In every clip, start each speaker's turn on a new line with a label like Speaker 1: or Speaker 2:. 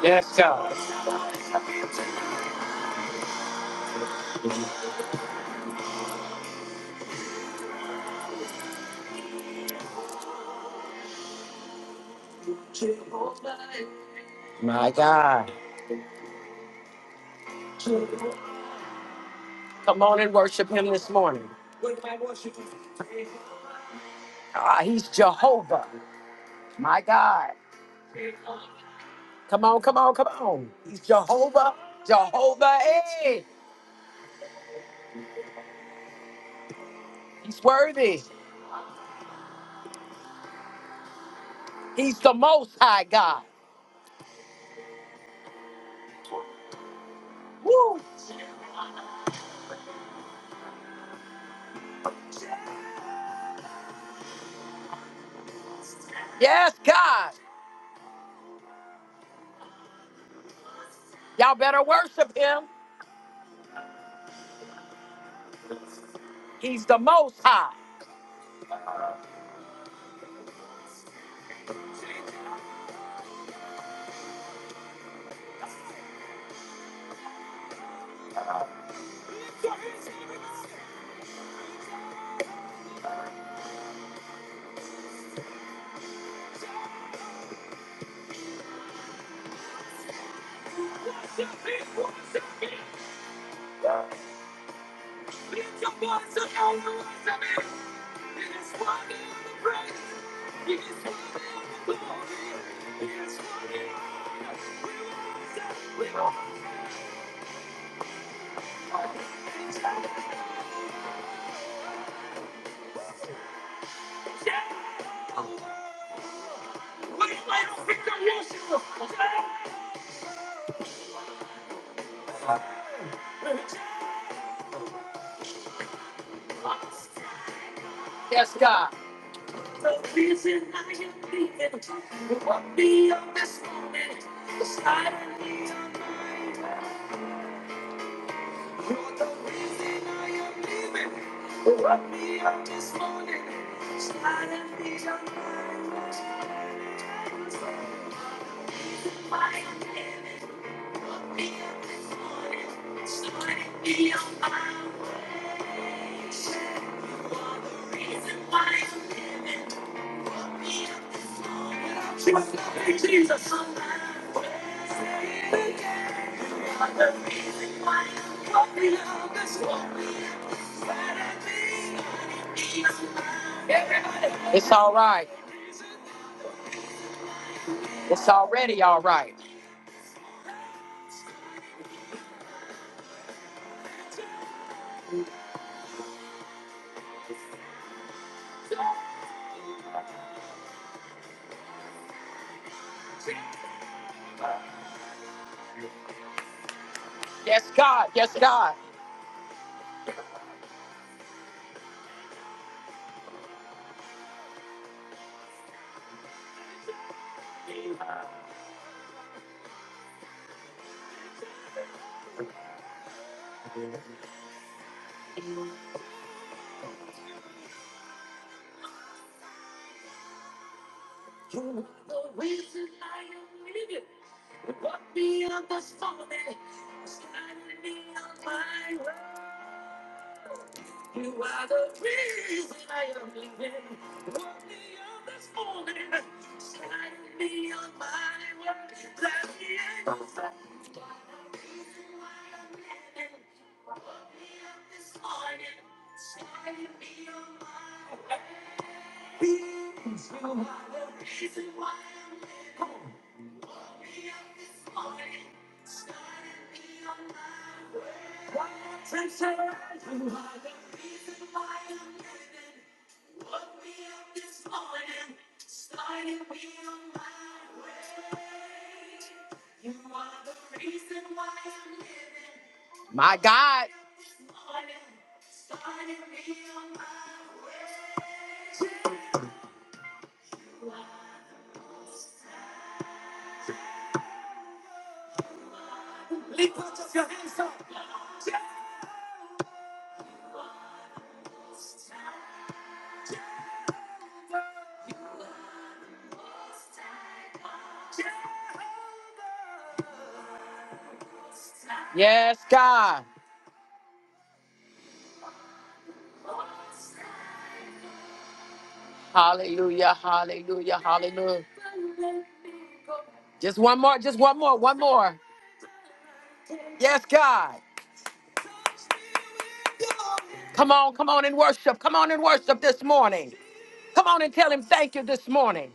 Speaker 1: Yes, God. My God. Come on and worship him this morning. Ah, he's Jehovah. My God. Come on, come on, come on. He's Jehovah, Jehovah. Hey, he's worthy. He's the most high God. Woo! Yes, God. Y'all better worship him. He's the most high. Yes, God. It's all right. It's already all right. Yes, God. Yes, God. My God. Yes, God. Hallelujah, hallelujah, hallelujah. Just one more, just one more, one more. Yes, God. Come on, come on and worship. Come on and worship this morning. Come on and tell him thank you this morning.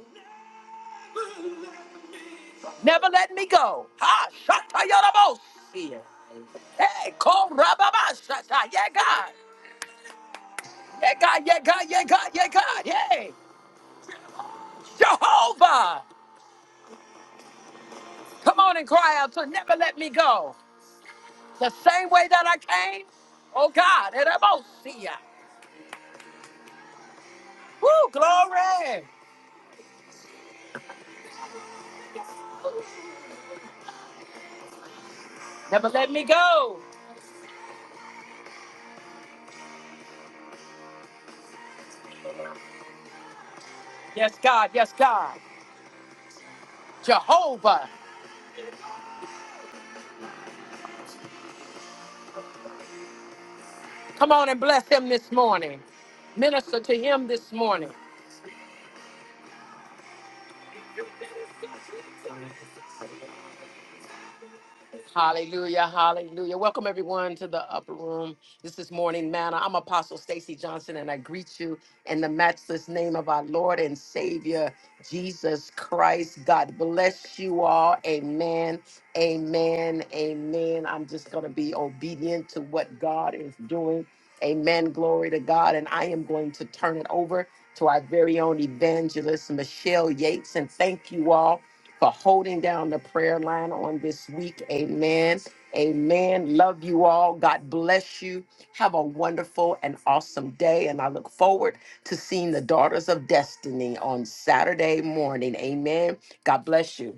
Speaker 1: Never let me go. Ha, shata yorobos. Hey, call rababa shata. Yeah, God. Yeah, God, yeah, God, yeah, God, yeah, God. Yeah. Jehovah, come on and cry out to never let me go. The same way that I came, oh God, and I won't see ya. Woo, glory. Never let me go. Yes, God, yes, God. Jehovah, come on and bless him this morning. Minister to him this morning. Hallelujah, hallelujah. Welcome everyone to the upper room. This is Morning Manna. I'm Apostle Stacy Johnson and I greet you in the matchless name of our Lord and Savior Jesus Christ. God bless you all. Amen. Amen. Amen. I'm just going to be obedient to what God is doing. Amen. Glory to God. And I am going to turn it over to our very own evangelist, Michelle Yates. And thank you all for holding down the prayer line on this week. Amen. Amen. Love you all. God bless you. Have a wonderful and awesome day. And I look forward to seeing the Daughters of Destiny on Saturday morning. Amen. God bless you.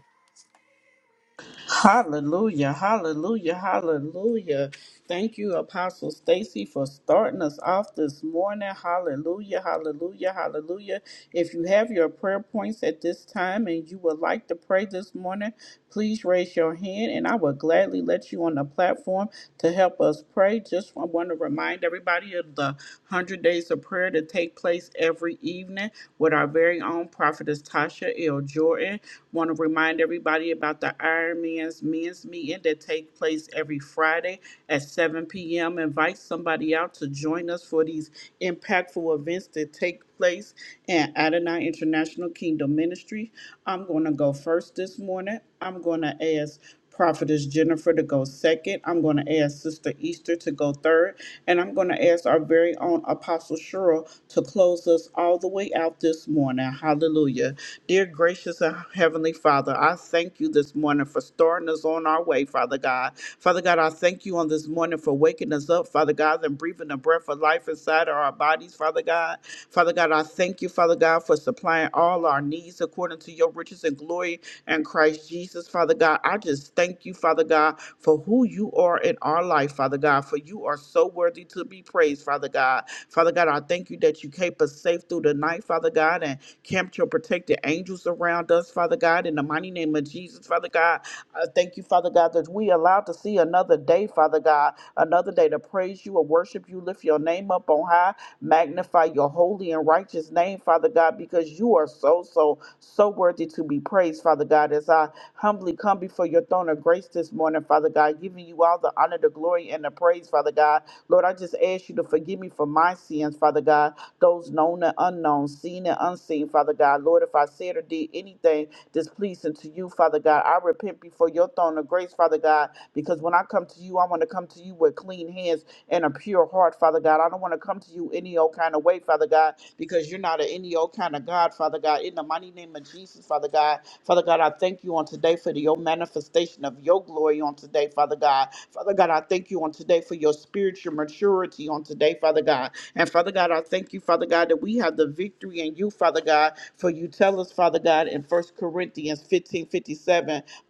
Speaker 2: Hallelujah, hallelujah, hallelujah. Thank you, Apostle Stacy, for starting us off this morning. Hallelujah, hallelujah, hallelujah. If you have your prayer points at this time and you would like to pray this morning, please raise your hand and I will gladly let you on the platform to help us pray. Just I want to remind everybody of the 100 days of prayer to take place every evening with our very own prophetess Tasha L. Jordan. Want to remind everybody about the Iron Man's Men's Meeting that takes place every Friday at 7 p.m. Invite somebody out to join us for these impactful events that take place in Adonai International Kingdom Ministry. I'm going to go first this morning. I'm going to ask Prophetess Jennifer to go second. I'm going to ask Sister Easter to go third. And I'm going to ask our very own Apostle Cheryl to close us all the way out this morning. Hallelujah. Dear gracious and heavenly Father, I thank you this morning for starting us on our way, Father God. Father God, I thank you on this morning for waking us up, Father God, and breathing the breath of life inside of our bodies, Father God. Father God, I thank you, Father God, for supplying all our needs according to your riches and glory and Christ Jesus, Father God. I just thank you, Father God, for who you are in our life, Father God, for you are so worthy to be praised, Father God. Father God, I thank you that you keep us safe through the night, Father God, and Camp your protected angels around us, Father God, in the mighty name of Jesus, Father God. I thank you, Father God, that we allowed to see another day, Father God, another day to praise you and worship you, lift your name up on high, magnify your holy and righteous name, Father God, because you are so, so, so worthy to be praised, Father God. As I humbly come before your throne of grace this morning, Father God, giving you all the honor, the glory, and the praise, Father God. Lord, I just ask you to forgive me for my sins, Father God those known and unknown, seen and unseen, Father God. Lord, if I said or did anything displeasing to you, Father God, I repent before your throne of grace, Father God, because when I come to you, I want to come to you with clean hands and a pure heart, Father God. I don't want to come to you any old kind of way, Father God, because you're not an any old kind of God, Father God. In the mighty name of Jesus, Father God, Father God, I thank you on today for the, your manifestation of your glory on today, Father God. Father God, I thank you on today for your spiritual maturity on today, Father God. And Father God, I thank you, Father God, that we have the victory in you, Father God, for you tell us, Father God, in First Corinthians 15 57.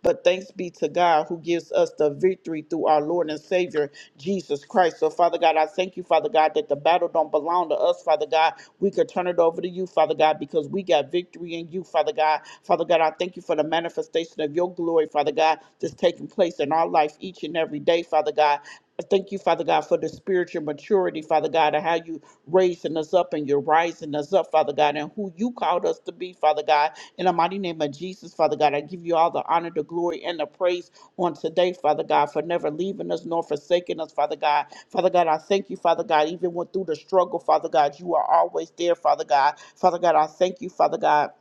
Speaker 2: but thanks be to God who gives us the victory through our Lord and Savior, Jesus Christ. So, Father God, I thank you, Father God, that the battle don't belong to us, Father God. We could turn it over to you, Father God, because we got victory in you, Father God. Father God, I thank you for the manifestation of your glory, Father God, that's taking place in our life each and every day, Father God. I thank you, Father God, for the spiritual maturity, Father God, and how you raising us up and you're rising us up, Father God, and who you called us to be, Father God. In the mighty name of Jesus, Father God, I give you all the honor, the glory, and the praise on today, Father God, for never leaving us nor forsaking us, Father God. Father God, I thank you, Father God, even when through the struggle, Father God, you are always there, Father God. Father God, I thank you, Father God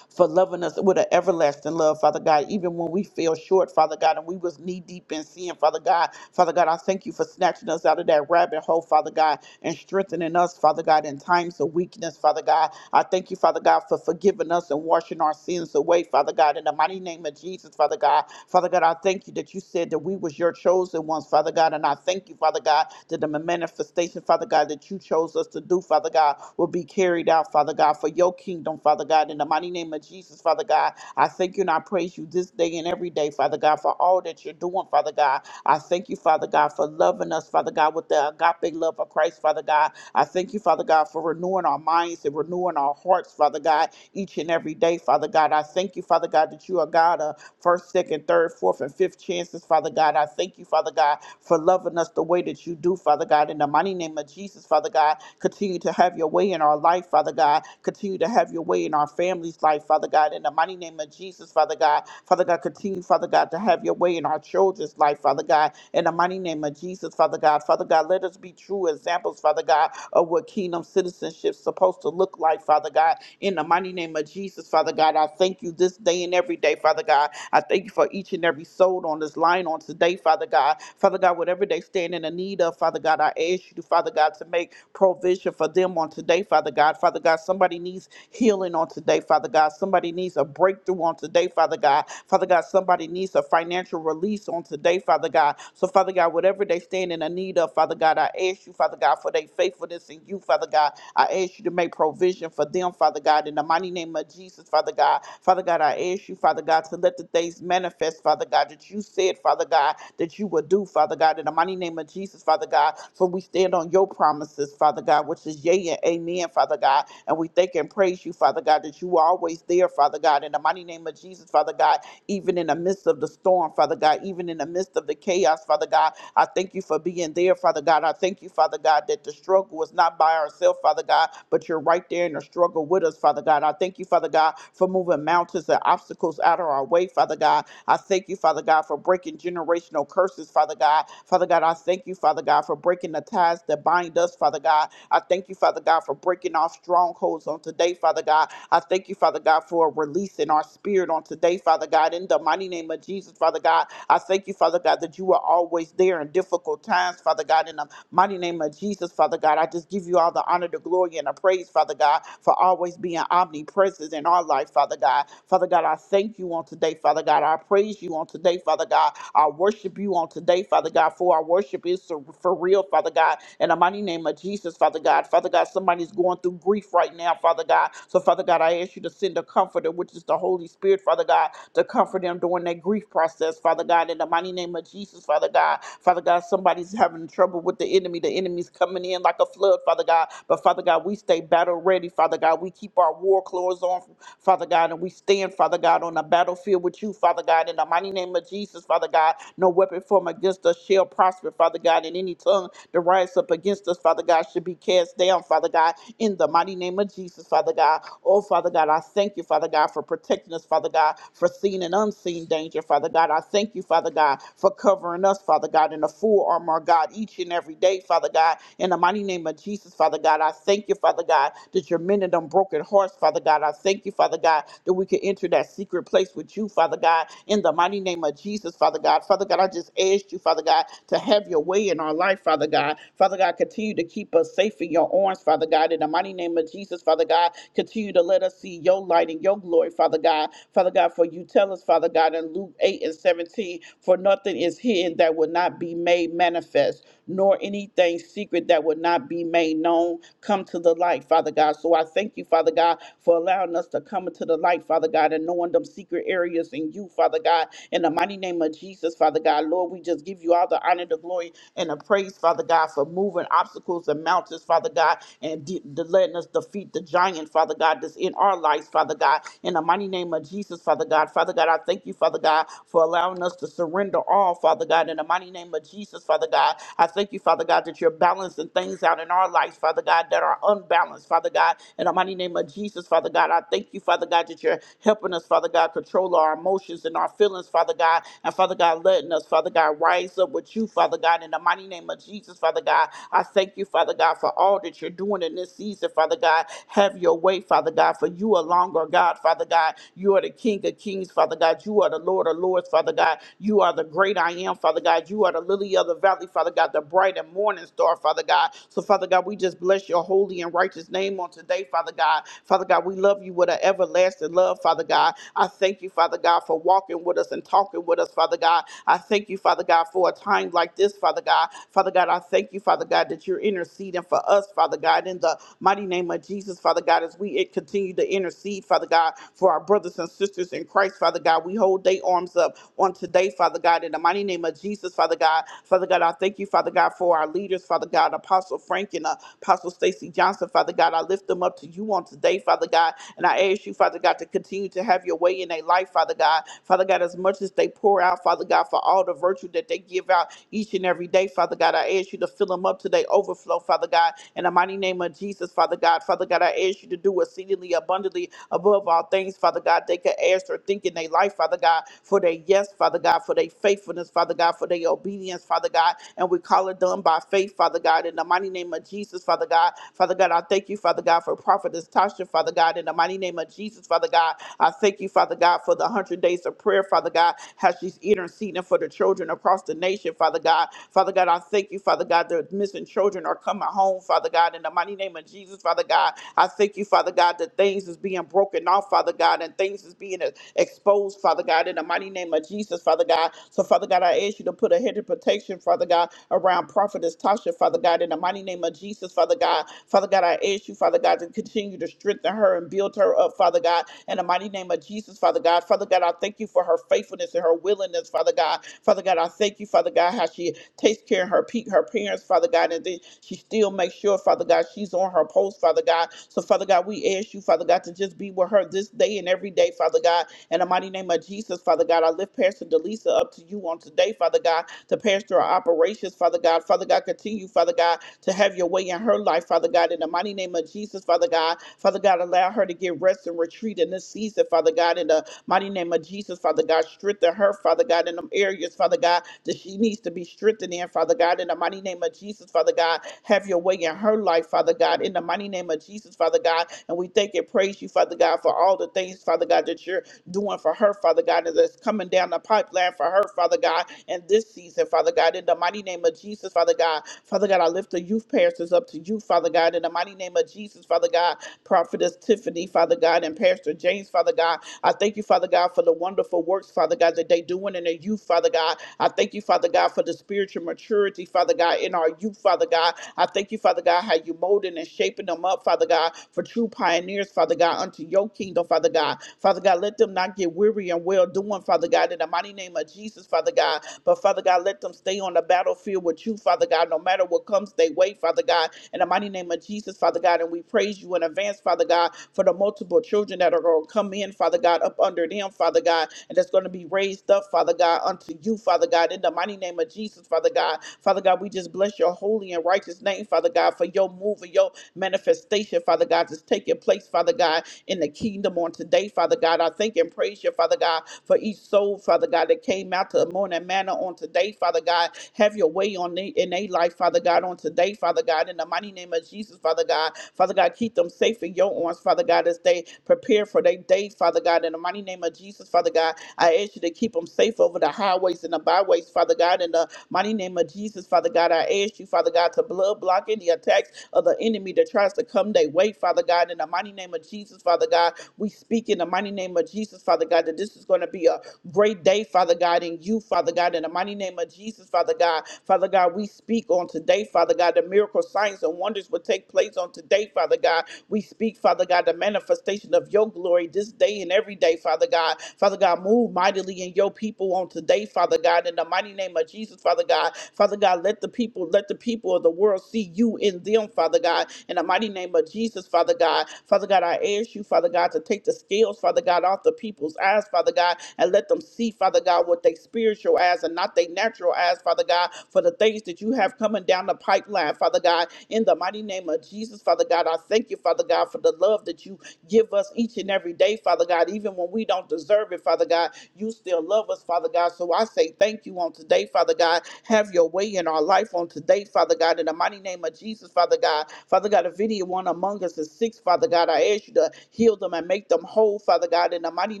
Speaker 2: for loving us with an everlasting love, Father God. Even when we fell short, Father God, and we was knee deep in sin, Father God. Father God, I thank you for snatching us out of that rabbit hole, Father God, and strengthening us, Father God, in times of weakness, Father God. I thank you, Father God, for forgiving us and washing our sins away, Father God. In the mighty name of Jesus, Father God, Father God, I thank you that you said that we was your chosen ones, Father God, and I thank you, Father God, that the manifestation, Father God, that you chose us to do, Father God, will be carried out, Father God, for your kingdom, Father God, in the mighty name of Jesus, Father God. I thank you and I praise you this day and every day, Father God, for all that you're doing, Father God. I thank you, Father God, for loving us, Father God, with the agape love of Christ, Father God. I thank you, Father God, for renewing our minds and renewing our hearts, Father God, each and every day, Father God. I thank you, Father God, that you are God. a first, second, third, fourth, and fifth chances, Father God. I thank you, Father God, for loving us the way that you do, Father God. In the mighty name of Jesus, Father God, continue to have your way in our life, Father God. Continue to have your way in our family's life, Father God. In the mighty name of Jesus, Father God. Father God, continue, Father God, to have your way in our children's life, Father God. In the mighty name of Jesus, Father God. Father God, let us be true examples, Father God, of what kingdom citizenship's supposed to look like, Father God. In the mighty name of Jesus, Father God, I thank you this day and every day, Father God. I thank you for each and every soul on this line on today, Father God. Father God, whatever they stand in the need of, Father God, I ask you, Father God, to make provision for them on today, Father God. Father God, somebody needs healing on today, Father God. Somebody needs a breakthrough on today, Father God. Father God, somebody needs a financial release on today, Father God. So, Father God, whatever they stand in a need of, Father God, I ask you, Father God, for their faithfulness in you, Father God. I ask you to make provision for them, Father God, in the mighty name of Jesus, Father God. Father God, I ask you, Father God, to let the things manifest, Father God, that you said, Father God, that you would do, Father God. in the God, in the mighty name of Jesus, Father God, for we stand on your promises, Father God, which is yea and amen, Father God. And we thank and praise you, Father God, that you are always there, Father God, in the mighty name of Jesus, Father God, even in the midst of the storm, Father God, even in the midst of the chaos, Father God. I thank you for being there, Father God. I thank you, Father God, that the struggle is not by ourselves, Father God, but you're right there in the struggle with us, Father God. I thank you, Father God, for moving mountains and obstacles out of our way, Father God. I thank you, Father God, for breaking generational curses, Father God. Father God, I thank you, Father God, for breaking the ties that bind us, Father God. I thank you, Father God, for breaking off strongholds on today, Father God. I thank you, Father God, for releasing our spirit on today, Father God. In the mighty name of Jesus, Father God, I thank you, Father God, that you are always there in difficult times, Father God. In the Mighty name of Jesus, Father God. I just give you all the honor, the glory, and the praise, Father God, for always being omnipresent in our life, Father God. Father God, I thank you on today, Father God. I praise you on today, Father God. I worship you on today, Father God, for our worship is so- for real, Father God. In the mighty name of Jesus, Father God. Father God, somebody's going through grief right now, Father God. So, Father God, I ask you to send a comforter, which is the Holy Spirit, Father God, to comfort them during their grief process, Father God. In the mighty name of Jesus, Father God. Father God, somebody's having trouble with with the enemy. The enemy's coming in like a flood, Father God. But Father God, we stay battle ready, Father God. We keep our war clothes on, Father God, and we stand, Father God, on the battlefield with you, Father God. In the mighty name of Jesus, Father God, no weapon formed against us shall prosper, Father God. And any tongue that rises up against us, Father God, should be cast down, Father God. In the mighty name of Jesus, Father God. Oh, Father God, I thank you, Father God, for protecting us, Father God, for seen and unseen danger, Father God. I thank you, Father God, for covering us, Father God, in the full armor, of God, each and each and every day, Father God. In the mighty name of Jesus, Father God, I thank you, Father God, that you're mending them broken hearts, Father God. I thank you, Father God, that we can enter that secret place with you, Father God. In the mighty name of Jesus, Father God. Father God, I just asked you, Father God, to have your way in our life, Father God. Father God, continue to keep us safe in your arms, Father God. In the mighty name of Jesus, Father God, continue to let us see your light and your glory, Father God. Father God, for you tell us, Father God, in Luke 8 and 17, for nothing is hidden that will not be made manifest nor anything secret that would not be made known come to the light, Father God. So I thank you, Father God, for allowing us to come into the light, Father God, and knowing them secret areas in you, Father God. In the mighty name of Jesus, Father God, Lord, we just give you all the honor, the glory, and the praise, Father God, for moving obstacles and mountains, Father God, and de- de- letting us defeat the giant, Father God, that's in our lives, Father God. In the mighty name of Jesus, Father God, Father God, I thank you, Father God, for allowing us to surrender all, Father God. In the mighty name of Jesus, Father God, I thank you, Father God, that you're balancing things out in our lives, Father God, that are unbalanced, Father God. In the mighty name of Jesus, Father God, I thank you, Father God, that you're helping us, Father God, control our emotions and our feelings, Father God. And Father God, letting us, Father God, rise up with you, Father God. In the mighty name of Jesus, Father God, I thank you, Father God, for all that you're doing in this season, Father God. Have your way, Father God, for you alone are God, Father God. You are the King of Kings, Father God. You are the Lord of Lords, Father God. You are the great I am, Father God. You are the lily of the valley, godly, Father God, the bright and morning star, Father God. So, Father God, we just bless your holy and righteous name on today, Father God. Father God, we love you with an everlasting love, Father God. I thank you, Father God, for walking with us and talking with us, Father God. I thank you, Father God, for a time like this, Father God. Father God, I thank you, Father God, that you're interceding for us, Father God, in the mighty name of Jesus, Father God, as we continue to intercede, Father God, for our brothers and sisters in Christ, Father God. We hold their arms up on today, Father God, in the mighty name of Jesus, Father God. Father Father God, I thank you, Father God, for our leaders, Father God, Apostle Frank and uh, Apostle Stacy Johnson, Father God. I lift them up to you on today, Father God. And I ask you, Father God, to continue to have your way in their life, Father God. Father God, as much as they pour out, Father God, for all the virtue that they give out each and every day, Father God, I ask you to fill them up to their overflow, Father God. In the mighty name of Jesus, Father God. Father God, I ask you to do exceedingly abundantly above all things, Father God. They could ask or think in their life, Father God, for their yes, Father God, for their faithfulness, Father God, for their obedience, hands, Father God, and we call it done by faith, Father God, in the mighty name of Jesus, Father God. Father God, I thank you, Father God, for Prophetess Tasha, Father God, in the mighty name of Jesus, Father God. I thank you, Father God, for the 100 days of prayer, Father God, how she's interceding for the children across the nation, Father God. Father God, I thank you, Father God, the missing children are coming home, Father God, in the mighty name of Jesus, Father God. I thank you, Father God, that things is being broken off, Father God, and things is being uh, exposed, Father God, in the mighty name of Jesus, Father God. So, Father God, I ask you to put a hedge of of protection, Father God, around Prophetess Tasha, Father God, in the mighty name of Jesus, Father God. Father God, I ask you, Father God, to continue to strengthen her and build her up, Father God, in the mighty name of Jesus, Father God. Father God, I thank you for her faithfulness and her willingness, Father God. Father God, I thank you, Father God, how she takes care of her, pe- her parents, Father God, and then she still makes sure, Father God, she's on her post, Father God. So, Father God, we ask you, Father God, to just be with her this day and every day, Father God. In the mighty name of Jesus, Father God, I lift Pastor Delisa up to you on today, Father God to pass through our operations, Father God. Father God, continue, Father God, to have your way in her life, Father God, in the mighty name of Jesus, Father God. Father God, allow her to get rest and retreat in this season, Father God, in the mighty name of Jesus, Father God. Strengthen her, Father God, in them areas, Father God, that she needs to be strengthened in, Father God, in the mighty name of Jesus, Father God. Have your way in her life, Father God, in the mighty name of Jesus, Father God. And we thank and praise you, Father God, for all the things, Father God, that you're doing for her, Father God, and that's coming down the pipeline for her, Father God, and this season, Father God, in the mighty name of Jesus, Father God. Father God, I lift the youth pastors up to you, Father God, in the mighty name of Jesus, Father God. Prophetess Tiffany, Father God, and Pastor James, Father God. I thank you, Father God, for the wonderful works, Father God, that they doing in their youth, Father God. I thank you, Father God, for the spiritual maturity, Father God, in our youth, Father God. I thank you, Father God, how you molding and shaping them up, Father God, for true pioneers, Father God, unto your kingdom, Father God. Father God, let them not get weary and well doing, Father God, in the mighty name of Jesus, Father God. But Father God, let them stay on the battlefield with with you, Father God, no matter what comes their way, Father God, in the mighty name of Jesus, Father God. And we praise you in advance, Father God, for the multiple children that are going to come in, Father God, up under them, Father God, and that's going to be raised up, Father God, unto you, Father God, in the mighty name of Jesus, Father God. Father God, we just bless your holy and righteous name, Father God, for your move and your manifestation, Father God, that's taking place, Father God, in the kingdom on today, Father God. I thank and praise you, Father God, for each soul, Father God, that came out to the morning manna on today, Father God. Have your way on they, in their life, Father God, on today, Father God, in the mighty name of Jesus, Father God. Father God, keep them safe in your arms, Father God, as they prepare for their day, Father God, in the mighty name of Jesus, Father God. I ask you to keep them safe over the highways and the byways, Father God, in the mighty name of Jesus, Father God. I ask you, Father God, to blood block any attacks of the enemy that tries to come their way, Father God. In the mighty name of Jesus, Father God, we speak in the mighty name of Jesus, Father God, that this is going to be a great day, Father God, in you, Father God, in the mighty name of Jesus, Father God. Father God, we speak on today, Father God, the miracle signs and wonders will take place on today, Father God. We speak, Father God, the manifestation of your glory this day and every day, Father God. Father God, move mightily in your people on today, Father God, in the mighty name of Jesus, Father God. Father God, let the people, let the people of the world see you in them, Father God, in the mighty name of Jesus, Father God. Father God, I ask you you, Father God, to take the scales, Father God, off the people's eyes, Father God, and let them see, Father God, with their spiritual eyes and not their natural eyes, Father God, for the things that you have coming down the pipeline, Father God, in the mighty name of Jesus, Father God. I thank you, Father God, for the love that you give us each and every day, Father God, even when we don't deserve it, Father God. You still love us, Father God. So I say thank you on today, Father God. Have your way in our life on today, Father God, in the mighty name of Jesus, Father God. Father God, if any one among us is sick, Father God, I ask you to heal them and make them whole, Father God, in the mighty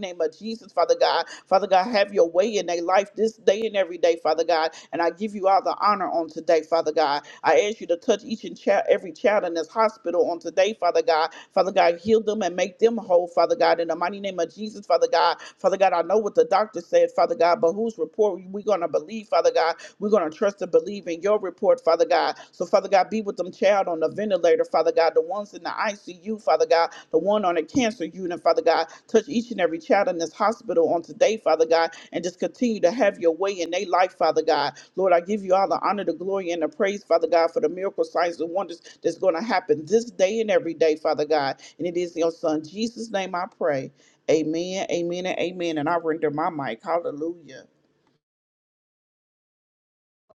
Speaker 2: name of Jesus, Father God. Father God, have your way in their life this day and every day, Father God. And I give you all the honor on today, Father God. I ask you to touch each and child, every child in this hospital on today, Father God. Father God, heal them and make them whole, Father God, in the mighty name of Jesus, Father God. Father God, I know what the doctor said, Father God, but whose report we going to believe, Father God? We're going to trust and believe in your report, Father God. So, Father God, be with them child on the ventilator, Father God, the ones in the ICU, Father God, the one on the cancer unit, Father God. Touch each and every child in this hospital on today, Father God, and just continue to have your way in their life, Father God. Lord, I give you all the honor, the glory, and the praise, Father God, for the miracle signs and wonders that's going to happen this day and every day, Father God. And it is in your son Jesus' name I pray. Amen, amen, and amen. And I render my mic. Hallelujah.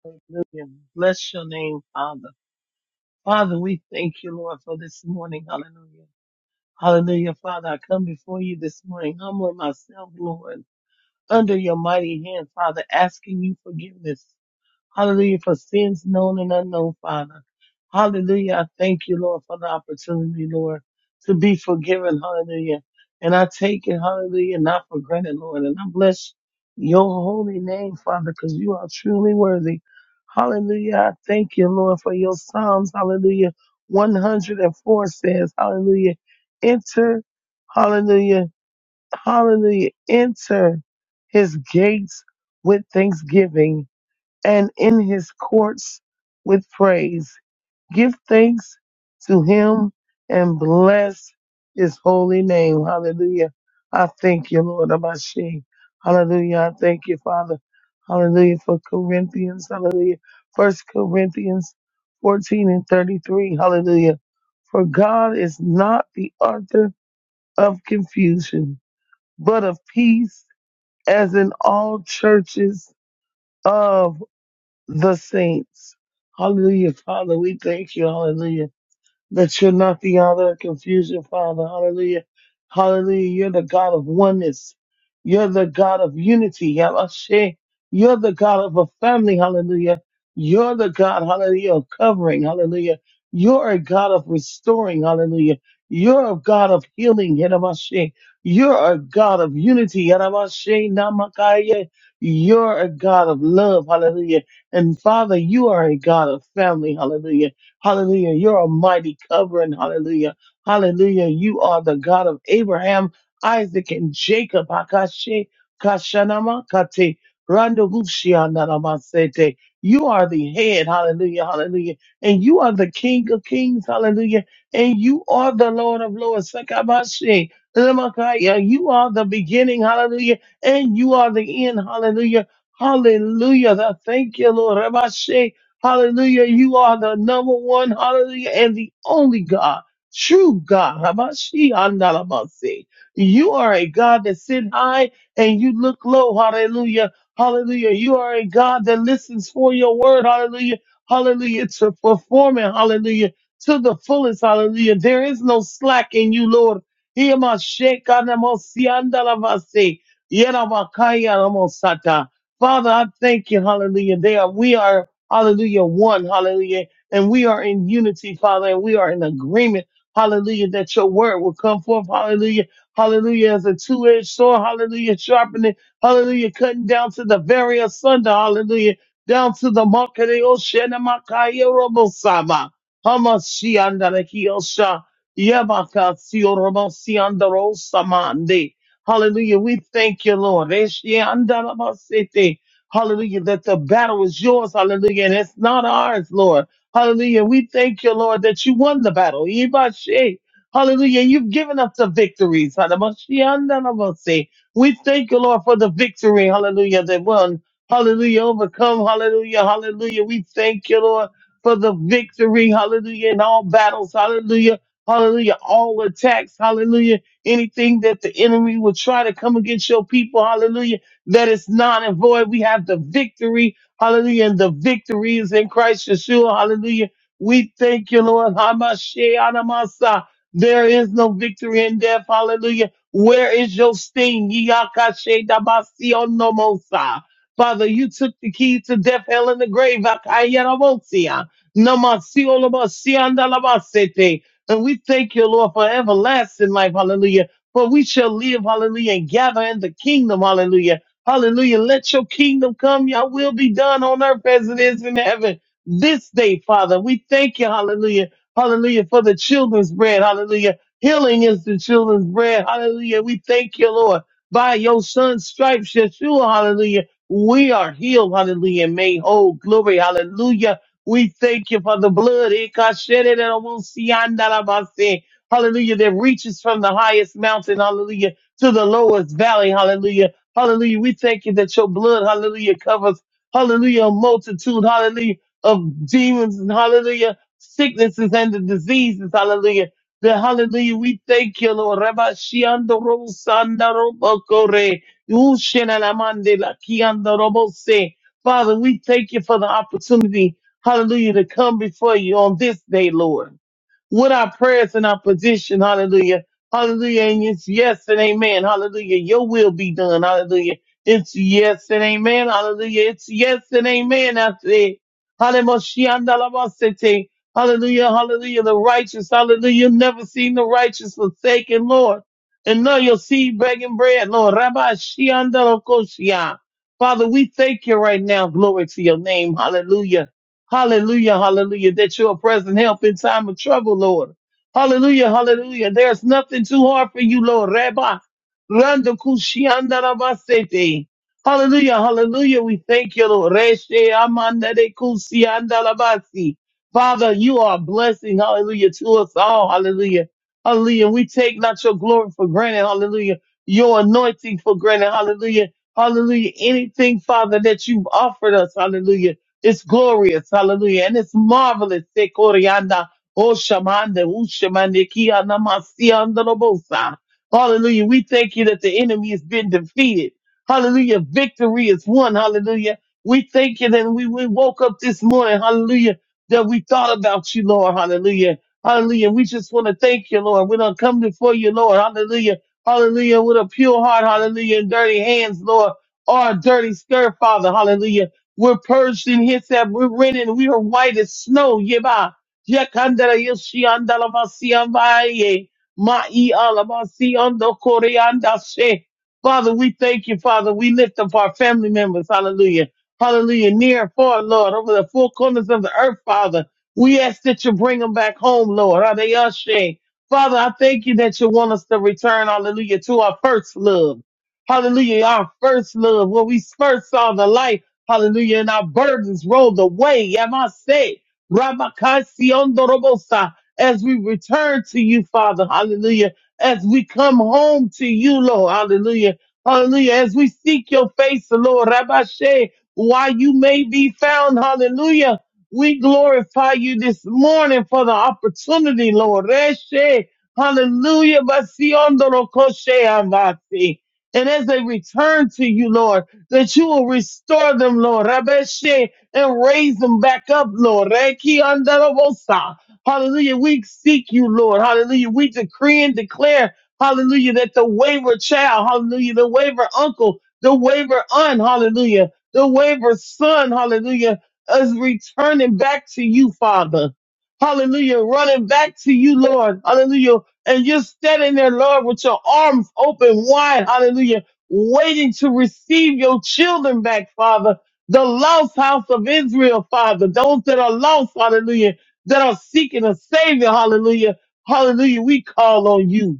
Speaker 3: Hallelujah. Bless your name, Father. Father, we thank you, Lord, for this morning. Hallelujah. Hallelujah, Father. I come before you this morning, humbling myself, Lord, under your mighty hand, Father, asking you forgiveness. Hallelujah for sins known and unknown, Father. Hallelujah. I thank you, Lord, for the opportunity, Lord, to be forgiven. Hallelujah. And I take it, hallelujah, not for granted, Lord. And I bless your holy name, Father, because you are truly worthy. Hallelujah. I thank you, Lord, for your Psalms. Hallelujah. 104 says, hallelujah, enter, hallelujah, hallelujah, enter his gates with thanksgiving and in his courts with praise. Give thanks to him and bless his holy name. Hallelujah. I thank you, Lord Abashi. Hallelujah. I thank you, Father. Hallelujah for Corinthians. Hallelujah. First Corinthians 14 and 33. Hallelujah. For God is not the author of confusion, but of peace, as in all churches of the saints. Hallelujah, Father. We thank you. Hallelujah. That should not be all that confusion, Father. Hallelujah. Hallelujah. You're the God of oneness. You're the God of unity. Yamashe. You're the God of a family. Hallelujah. You're the God, hallelujah, of covering. Hallelujah. You're a God of restoring. Hallelujah. You're a God of healing. Yamashe. You're a God of unity. Yamashe namakaya. You're a God of love. Hallelujah. And Father, you are a God of family. Hallelujah. Hallelujah. You're a mighty covering. Hallelujah. Hallelujah. You are the God of Abraham, Isaac, and Jacob. Hakashe kashanama kate randovushia nanamasete. You are the head. Hallelujah. Hallelujah. And you are the King of kings. Hallelujah. And you are the Lord of lords. Sakabashe. Lemakaya. You are the beginning. Hallelujah. And you are the end. Hallelujah. Hallelujah. Thank you, Lord. Rabashe. Hallelujah. You are the number one, hallelujah, and the only God, true God. Habashi Andalabasi. You are a God that sit high and you look low. Hallelujah. Hallelujah. You are a God that listens for your word. Hallelujah. Hallelujah. To perform it. Hallelujah. To the fullest. Hallelujah. There is no slack in you, Lord. Hiyamashe kanamosi andalabasi. Yeramakaya namosata. Father, I thank you, hallelujah. They are, we are hallelujah, one, hallelujah. And we are in unity, Father, and we are in agreement, hallelujah, that your word will come forth, hallelujah, hallelujah, as a two-edged sword, hallelujah, sharpening, hallelujah, cutting down to the very asunder, hallelujah, down to the makareo shenamakaya robosama, hamashiandarekiosha, yamakasio robosiandarosama, Hallelujah. We thank you, Lord. Eshiandarabasete. Hallelujah. That the battle is yours. Hallelujah. And it's not ours, Lord. Hallelujah. We thank you, Lord, that you won the battle. Yibashe. Hallelujah. You've given us the victories. Hadamashiandanamase. We thank you, Lord, for the victory. Hallelujah. That won. Hallelujah. Overcome. Hallelujah. Hallelujah. We thank you, Lord, for the victory. Hallelujah. In all battles. Hallelujah. Hallelujah. All attacks. Hallelujah. Anything that the enemy will try to come against your people. Hallelujah. That is it's non and void. We have the victory. Hallelujah. And the victory is in Christ Yeshua. Hallelujah. We thank you, Lord. Hamashe There is no victory in death. Hallelujah. Where is your sting? Yiyakashe dabasi Father, you took the key to death, hell, and the grave. Akayarabosia. Namasi And we thank you, Lord, for everlasting life. Hallelujah. For we shall live, hallelujah, and gather in the kingdom, hallelujah. Hallelujah. Let your kingdom come. Your will be done on earth as it is in heaven. This day, Father, we thank you. Hallelujah. Hallelujah for the children's bread. Hallelujah. Healing is the children's bread. Hallelujah. We thank you, Lord. By your son's stripes, Yeshua. Hallelujah. We are healed. Hallelujah. And made whole. Glory. Hallelujah. We thank you for the blood. Hallelujah. That reaches from the highest mountain. Hallelujah. To the lowest valley. Hallelujah Hallelujah. We thank you that your blood, hallelujah, covers, hallelujah, a multitude, hallelujah, of demons and hallelujah, sicknesses and the diseases, hallelujah. The hallelujah, we thank you, Lord. Rabba shiando ro sanda ro bokore. Ushena la mande la kiando ro bose. Father, we thank you for the opportunity, hallelujah, to come before you on this day, Lord with our prayers and our petition, hallelujah, hallelujah, and it's yes and amen, hallelujah, your will be done, hallelujah, it's yes and amen, hallelujah, it's yes and amen, after it, hallelujah, hallelujah, hallelujah, the righteous, hallelujah, you've never seen the righteous forsaken, Lord, and know your seed begging bread, Lord, Rabbi Shiandalakoshia. Father, we thank you right now, glory to your name, hallelujah. Hallelujah, hallelujah, that you're a present help in time of trouble, Lord. Hallelujah, hallelujah. There's nothing too hard for you, Lord. Rabba. Randa kushianda rabasete. Hallelujah, hallelujah. We thank you, Lord. Reshe amanda de kusianda rabasi. Father, you are a blessing, hallelujah, to us all. Hallelujah. Hallelujah. We take not your glory for granted. Hallelujah. Your anointing for granted. Hallelujah. Hallelujah. Anything, Father, that you've offered us. Hallelujah. It's glorious. Hallelujah. And it's marvelous. Se corianda, o shamande, u shamande, ki anamasi andalobosa. Hallelujah. We thank you that the enemy has been defeated. Hallelujah. Victory is won. Hallelujah. We thank you that we, we woke up this morning. Hallelujah. That we thought about you, Lord. Hallelujah. Hallelujah. We just want to thank you, Lord. We don't come before you, Lord. Hallelujah. Hallelujah. With a pure heart. Hallelujah. And dirty hands, Lord. Or a dirty skirt, Father. Hallelujah. We're purged in His hyssop. We're rented. We are white as snow. Yeba. Yakandara yoshiandala vasiambaye. Ma'i alabasiando koreanda she. Father, we thank you, Father. We lift up our family members. Hallelujah. Hallelujah. Near and far, Lord, over the four corners of the earth, Father. We ask that you bring them back home, Lord. Adeyashe. Father, I thank you that you want us to return, hallelujah, to our first love. Hallelujah, our first love, where we first saw the light. Hallelujah. And our burdens rolled away. Yamase. Ramakasiondobosa. As we return to you, Father. Hallelujah. As we come home to you, Lord. Hallelujah. Hallelujah. As we seek your face, Lord. Rabashe. While you may be found. Hallelujah. We glorify you this morning for the opportunity, Lord. Reshe. Hallelujah. Basiondorokoshe amasi. And as they return to you, Lord, that you will restore them, Lord, Rabeshe, and raise them back up, Lord. Reki andarabosa. Hallelujah. We seek you, Lord. Hallelujah. We decree and declare, hallelujah, that the wayward child, hallelujah, the wayward uncle, the wayward aunt, hallelujah, the wayward son, hallelujah, is returning back to you, Father. Hallelujah. Running back to you, Lord. Hallelujah. And you're standing there, Lord, with your arms open wide. Hallelujah waiting to receive your children back, Father. The lost house of Israel, Father. Those that are lost, hallelujah, that are seeking a Savior, hallelujah. Hallelujah. We call on you.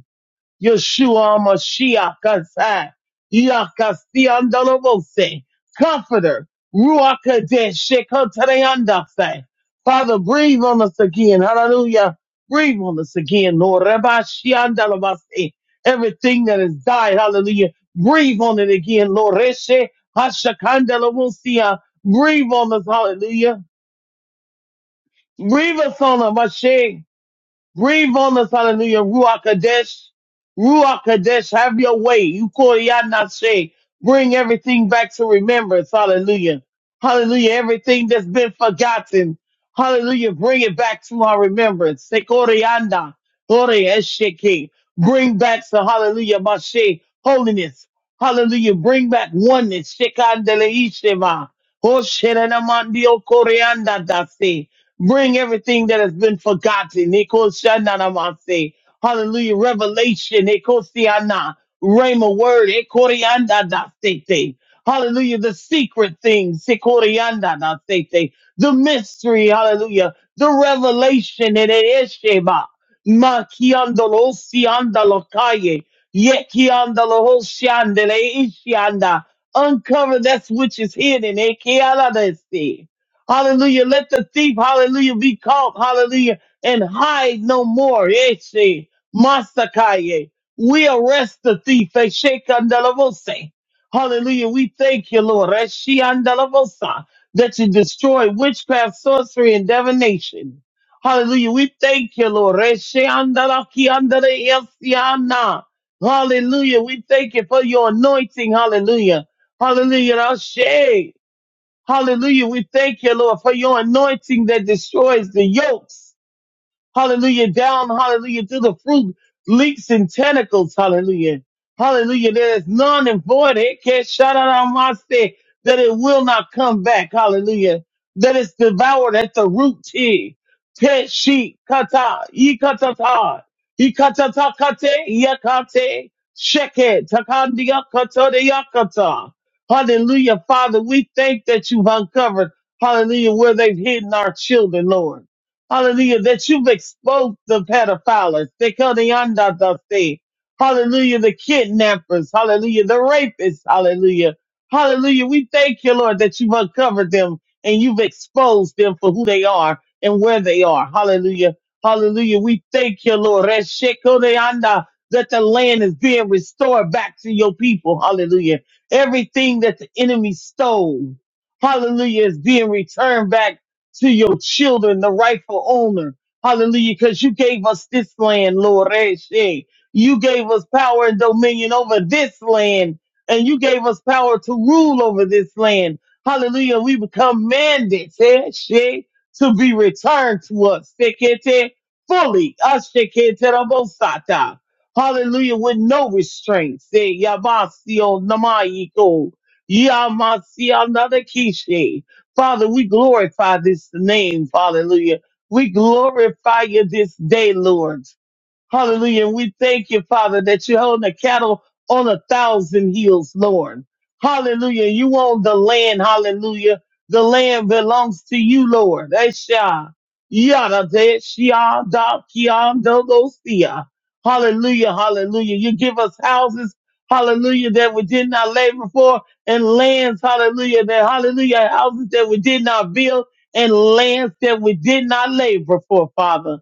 Speaker 3: Yeshua Mashiach Kasai, Yakasi Andalobose, Comforter, Ruach Kadesh, Shekotayandase. Father, breathe on us again. Hallelujah. Breathe on us again, Lord. Rabbi Shiandalabase. Everything that has died, hallelujah. Breathe on it again, Lord. Reshe Hashakandalabusia. Breathe on us, hallelujah. Breathe us on us, Mashiach. Breathe on us, hallelujah. Ruach Kadesh, Ruach Kadesh, have your way. You call Yadnashe. Bring everything back to remembrance, hallelujah. Hallelujah. Everything that's been forgotten, hallelujah. Bring it back to our remembrance. Sekore yanda, ore esheke. Bring back to hallelujah, Mashe, holiness. Hallelujah. Bring back oneness. Shekandele ishema. Hoshenanamandi okore yanda dase. Bring everything that has been forgotten. Ekoshananamase. Hallelujah. Revelation. Ekosiana. Rhema word. Ekoriandadasete. Hallelujah. The secret things. Ekoriandadasete. The mystery. Hallelujah. The revelation. Eresheba. Makiandolosiandalokaye. Yekiandalohoshande. Leishianda. Uncover that which is hidden. Ekialadesi. Hallelujah. Let the thief, hallelujah, be caught, hallelujah, and hide no more. Eshe, Masakaye. We arrest the thief. Eshe, Kandalavose. Hallelujah. We thank you, Lord. Eshe, Andalavosa, That you destroy witchcraft, sorcery, and divination. Hallelujah. We thank you, Lord. Eshe, Andalaki, Andale, Esiana. Hallelujah. We thank you for your anointing. Hallelujah. Hallelujah. Eshe. Hallelujah. We thank you, Lord, for your anointing that destroys the yokes. Hallelujah. Down, hallelujah, to the fruit, leeks and tentacles. Hallelujah. Hallelujah. There is none and void. It can't shut out on my say that it will not come back. Hallelujah. That it's devoured at the root. T. Pet sheep. Kata. Yikatata. Yikatata kate. Yakate. Sheke. Takandia kata de yakata. Hallelujah. Father, we thank that you've uncovered. Hallelujah. Where they've hidden our children, Lord. Hallelujah, that you've exposed the pedophiles, the Kalyandatase. Hallelujah, the kidnappers. Hallelujah, the rapists. Hallelujah. Hallelujah. We thank you, Lord, that you've uncovered them and you've exposed them for who they are and where they are. Hallelujah. Hallelujah. We thank you, Lord. Reshekodeanda, That the land is being restored back to your people. Hallelujah. Everything that the enemy stole. Hallelujah is being returned back to your children, the rightful owner. Hallelujah. Because you gave us this land, Lord. Eshe. You gave us power and dominion over this land, and you gave us power to rule over this land. Hallelujah. We become mandates Eshe, to be returned to us Sekete, fully. Ashekete rabosata. Hallelujah. With no restraints. Say, Yamasio Namayiko. Yamasio Nadakishe. Father, we glorify this name. Hallelujah. We glorify you this day, Lord. Hallelujah. And we thank you, Father, that you're holding the cattle on a thousand hills, Lord. Hallelujah. You own the land. Hallelujah. The land belongs to you, Lord. Esha. Yada de shia da kia do do sia. Hallelujah. Hallelujah. You give us houses. Hallelujah. That we did not labor for and lands. Hallelujah. That hallelujah. Houses that we did not build and lands that we did not labor for, Father.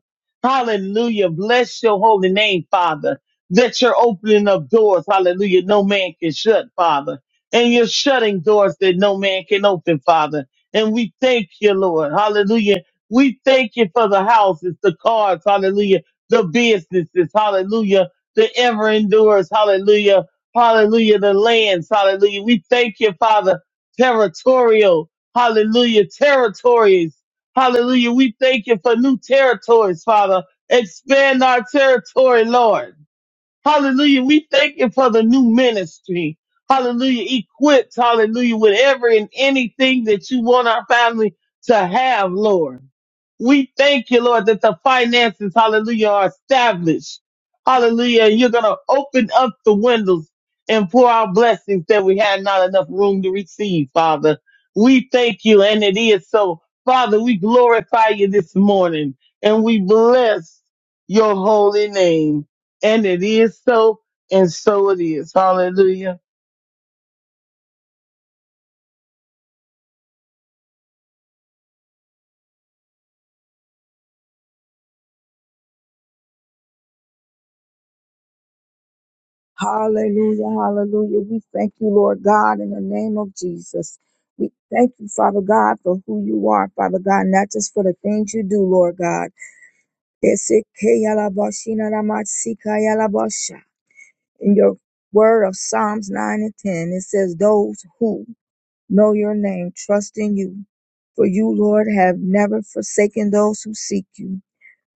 Speaker 3: Hallelujah. Bless your holy name, Father. That you're opening up doors. Hallelujah. No man can shut, Father. And you're shutting doors that no man can open, Father. And we thank you, Lord. Hallelujah. We thank you for the houses, the cars. Hallelujah. The businesses. Hallelujah. The ever endures. Hallelujah. Hallelujah. The lands. Hallelujah. We thank you, Father. Territorial. Hallelujah. Territories. Hallelujah. We thank you for new territories, Father. Expand our territory, Lord. Hallelujah. We thank you for the new ministry. Hallelujah. Equipped, hallelujah, with every and anything that you want our family to have, Lord. We thank you, Lord, that the finances, hallelujah, are established. Hallelujah. And you're going to open up the windows and pour out blessings that we had not enough room to receive, Father. We thank you, and it is so. Father, we glorify you this morning and we bless your holy name. And it is so, and so it is. Hallelujah.
Speaker 4: Hallelujah, hallelujah. We thank you, Lord God, in the name of Jesus. We thank you, Father God, for who you are, Father God, not just for the things you do, Lord God. In your word of Psalms 9 and 10, it says, Those who know your name trust in you, for you, Lord, have never forsaken those who seek you.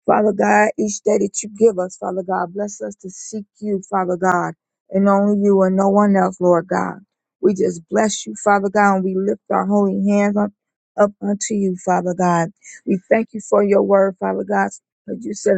Speaker 4: Father God, each day that you give us, Father God, bless us to seek you, Father God, and only you and no one else, Lord God. We just bless you, Father God, and we lift our holy hands up, up unto you, Father God. We thank you for your word, Father God, because you said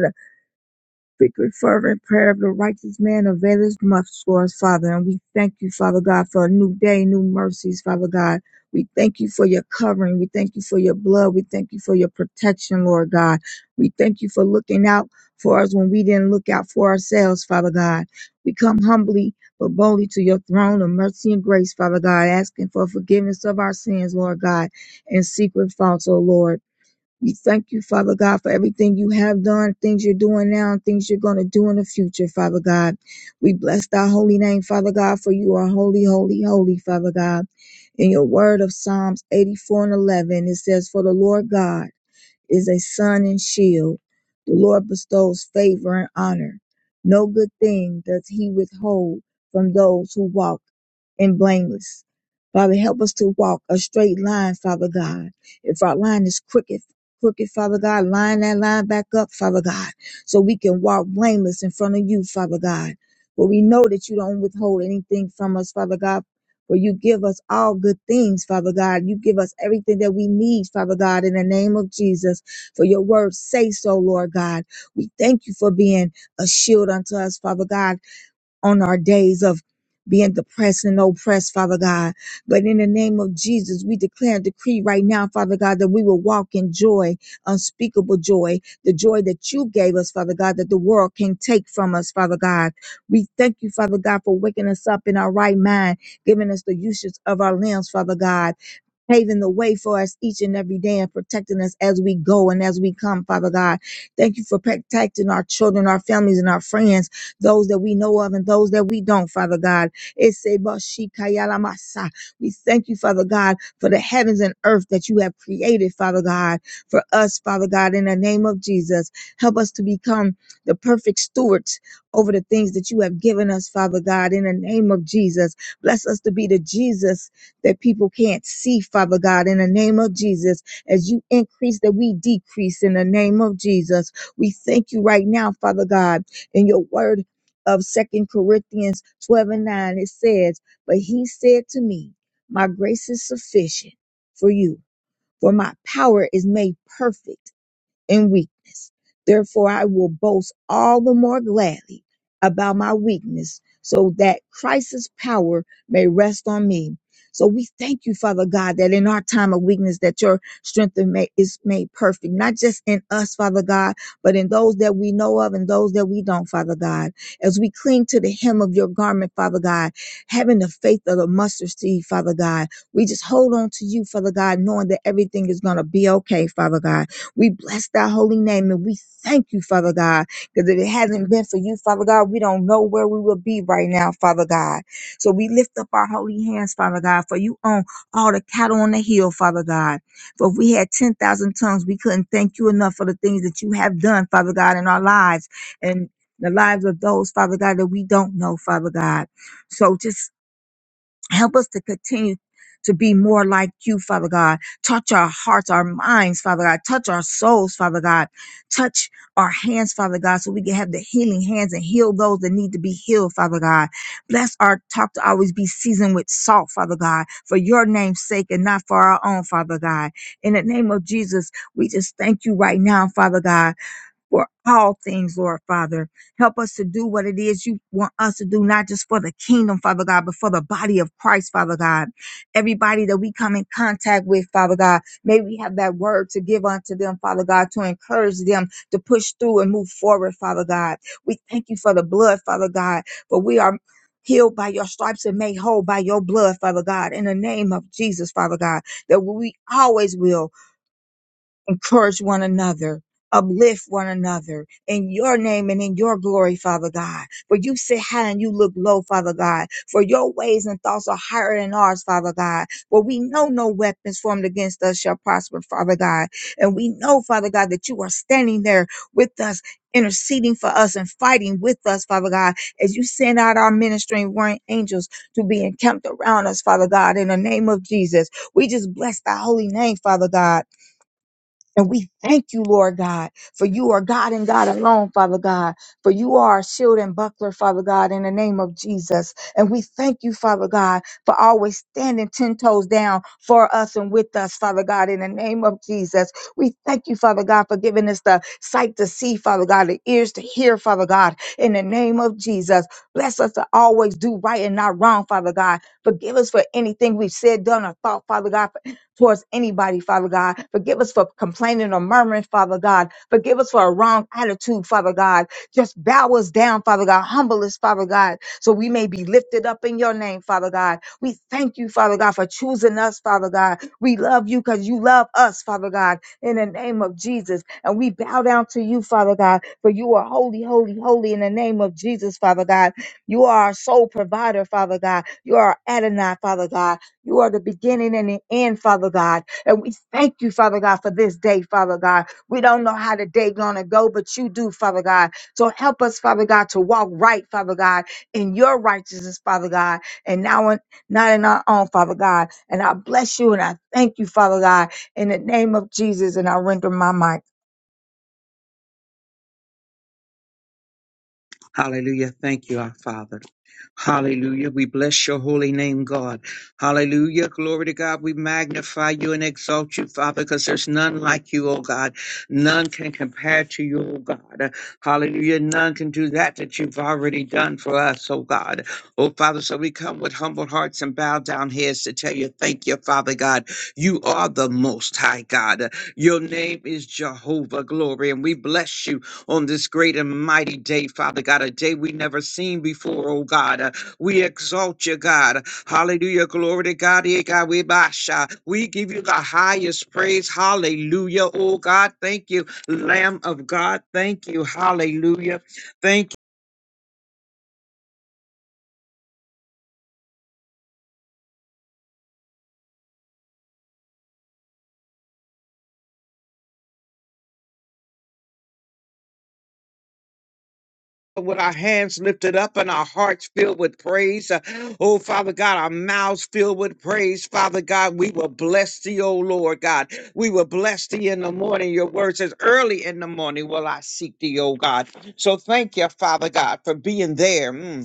Speaker 4: frequent fervent prayer of the righteous man availeth much for us, Father. And we thank you, Father God, for a new day, new mercies, Father God. We thank you for your covering. We thank you for your blood. We thank you for your protection, Lord God. We thank you for looking out for us when we didn't look out for ourselves, Father God. We come humbly but boldly to your throne of mercy and grace, Father God, asking for forgiveness of our sins, Lord God, and secret faults, O Lord. We thank you, Father God, for everything you have done, things you're doing now, and things you're going to do in the future, Father God. We bless thy holy name, Father God, for you are holy, holy, holy, Father God. In your word of Psalms 84 and 11, it says, For the Lord God, is a sun and shield. The Lord bestows favor and honor. No good thing does he withhold from those who walk in blameless. Father, help us to walk a straight line, Father God. If our line is crooked, crooked, Father God, line that line back up, Father God, so we can walk blameless in front of you, Father God. But we know that you don't withhold anything from us, Father God for you give us all good things, Father God. You give us everything that we need, Father God, in the name of Jesus. For your word say so, Lord God. We thank you for being a shield unto us, Father God on our days of being depressed and oppressed, Father God. But in the name of Jesus, we declare and decree right now, Father God, that we will walk in joy, unspeakable joy, the joy that you gave us, Father God, that the world can take from us, Father God. We thank you, Father God, for waking us up in our right mind, giving us the uses of our limbs, Father God paving the way for us each and every day and protecting us as we go and as we come, Father God. Thank you for protecting our children, our families, and our friends, those that we know of and those that we don't, Father God. It's a bashikayalamasa. We thank you, Father God, for the heavens and earth that you have created, Father God, for us, Father God, in the name of Jesus. Help us to become the perfect stewards over the things that you have given us, Father God, in the name of Jesus. Bless us to be the Jesus that people can't see, Father God, in the name of Jesus. As you increase, that we decrease in the name of Jesus. We thank you right now, Father God, in your word of Second Corinthians 12 and 9. It says, But he said to me, My grace is sufficient for you, for my power is made perfect in weakness. Therefore, I will boast all the more gladly about my weakness so that Christ's power may rest on me. So we thank you, Father God, that in our time of weakness, that your strength is made is made perfect, not just in us, Father God, but in those that we know of and those that we don't, Father God. As we cling to the hem of your garment, Father God, having the faith of the mustard seed, Father God, we just hold on to you, Father God, knowing that everything is going to be okay, Father God we bless thy holy name and we thank you, Father God, because if it hasn't been for you, Father God, we don't know where we would be right now, Father God. So we lift up our holy hands, Father God, for you own all the cattle on the hill, Father God. For if we had 10,000 tongues, we couldn't thank you enough for the things that you have done, Father God, in our lives and the lives of those, Father God, that we don't know, Father God. So just Help us to continue to be more like you, Father God. Touch our hearts, our minds, Father God. Touch our souls, Father God. Touch our hands, Father God, so we can have the healing hands and heal those that need to be healed, Father God. Bless our talk to always be seasoned with salt, Father God, for your name's sake and not for our own, Father God. In the name of Jesus, we just thank you right now, Father God for all things, Lord Father. Help us to do what it is you want us to do, not just for the kingdom, Father God, but for the body of Christ, Father God. Everybody that we come in contact with, Father God, may we have that word to give unto them, Father God, to encourage them to push through and move forward, Father God. We thank you for the blood, Father God, for we are healed by your stripes and made whole by your blood, Father God, in the name of Jesus, Father God, that we always will encourage one another, uplift one another in your name and in your glory, Father God. For you sit high and you look low, Father God. For your ways and thoughts are higher than ours, Father God. For we know no weapons formed against us shall prosper, Father God. And we know, Father God, that you are standing there with us. Interceding for us and fighting with us, Father God, as you send out our ministering warring angels to be encamped around us, Father God, in the name of Jesus. We just bless thy holy name, Father God. And we thank you, Lord God, for you are God and God alone, Father God, for you are our shield and buckler, Father God, in the name of Jesus. And we thank you, Father God, for always standing 10 toes down for us and with us, Father God, in the name of Jesus. We thank you, Father God, for giving us the sight to see, Father God, the ears to hear, Father God, in the name of Jesus. Bless us to always do right and not wrong, Father God. Forgive us for anything we've said, done, or thought, Father God, towards anybody, Father God. Forgive us for complaining or murmuring, Father God. Forgive us for a wrong attitude, Father God. Just bow us down, Father God. Humble us, Father God, so we may be lifted up in your name, Father God. We thank you, Father God, for choosing us, Father God. We love you because you love us, Father God, in the name of Jesus. And we bow down to you, Father God, for you are holy, holy, holy in the name of Jesus, Father God. You are our sole provider, Father God. You are Adonai, Father God. You are the beginning and the end, Father God. And we thank you, Father God, for this day, Father God. We don't know how the day gonna go, but you do, Father God. So help us, Father God, to walk right, Father God, in your righteousness, Father God, and now in, not in our own, Father God. And I bless you and I thank you, Father God, in the name of Jesus. And I render my mic.
Speaker 5: Hallelujah. Thank you, our Father. Hallelujah. We bless your holy name, God. Hallelujah. Glory to God. We magnify you and exalt you, Father, because there's none like you, oh God. None can compare to you, oh God. Hallelujah. None can do that that you've already done for us, oh God. Oh Father, so we come with humble hearts and bow down heads to tell you, thank you, Father God. You are the most high God. Your name is Jehovah Glory, and we bless you on this great and mighty day, Father God, a day we never seen before, oh God. Uh, We exalt you, God. Hallelujah. Glory to God. Eh, God, We basha. We give you the highest praise. Hallelujah. Oh God, thank you. Lamb of God, thank you. Hallelujah. Thank you. with our hands lifted up and our hearts filled with praise. Uh, Oh, Father God, our mouths filled with praise. Father God, we will bless thee, O Lord God. We will bless thee in the morning. Your word says, early in the morning will I seek thee, O God. So thank you, Father God, for being there. Mm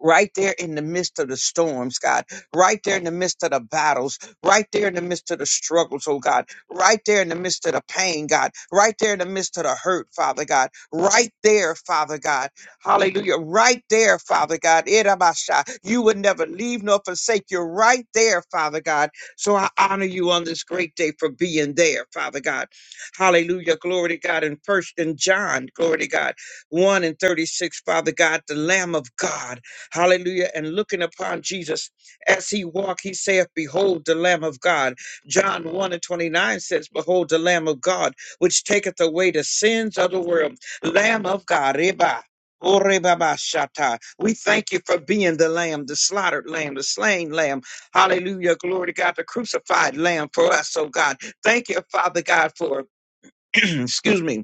Speaker 5: right there in the midst of the storms, God, right there in the midst of the battles, right there in the midst of the struggles, oh God, right there in the midst of the pain, God, right there in the midst of the hurt, Father God, right there, Father God, hallelujah, right there, Father God, Irabasha. you would never leave nor forsake, you're right there, Father God, so I honor you on this great day for being there, Father God, hallelujah, glory to God, in First and John, glory to God, 1 and 36, Father God, the Lamb of God, Hallelujah. And looking upon Jesus as he walked, he saith, Behold the Lamb of God. John 1 and 29 says, Behold the Lamb of God, which taketh away the sins of the world. Lamb of God. Reba. Orebabashata. We thank you for being the lamb, the slaughtered lamb, the slain lamb. Hallelujah. Glory to God, the crucified lamb for us, oh God. Thank you, Father God, for, excuse me,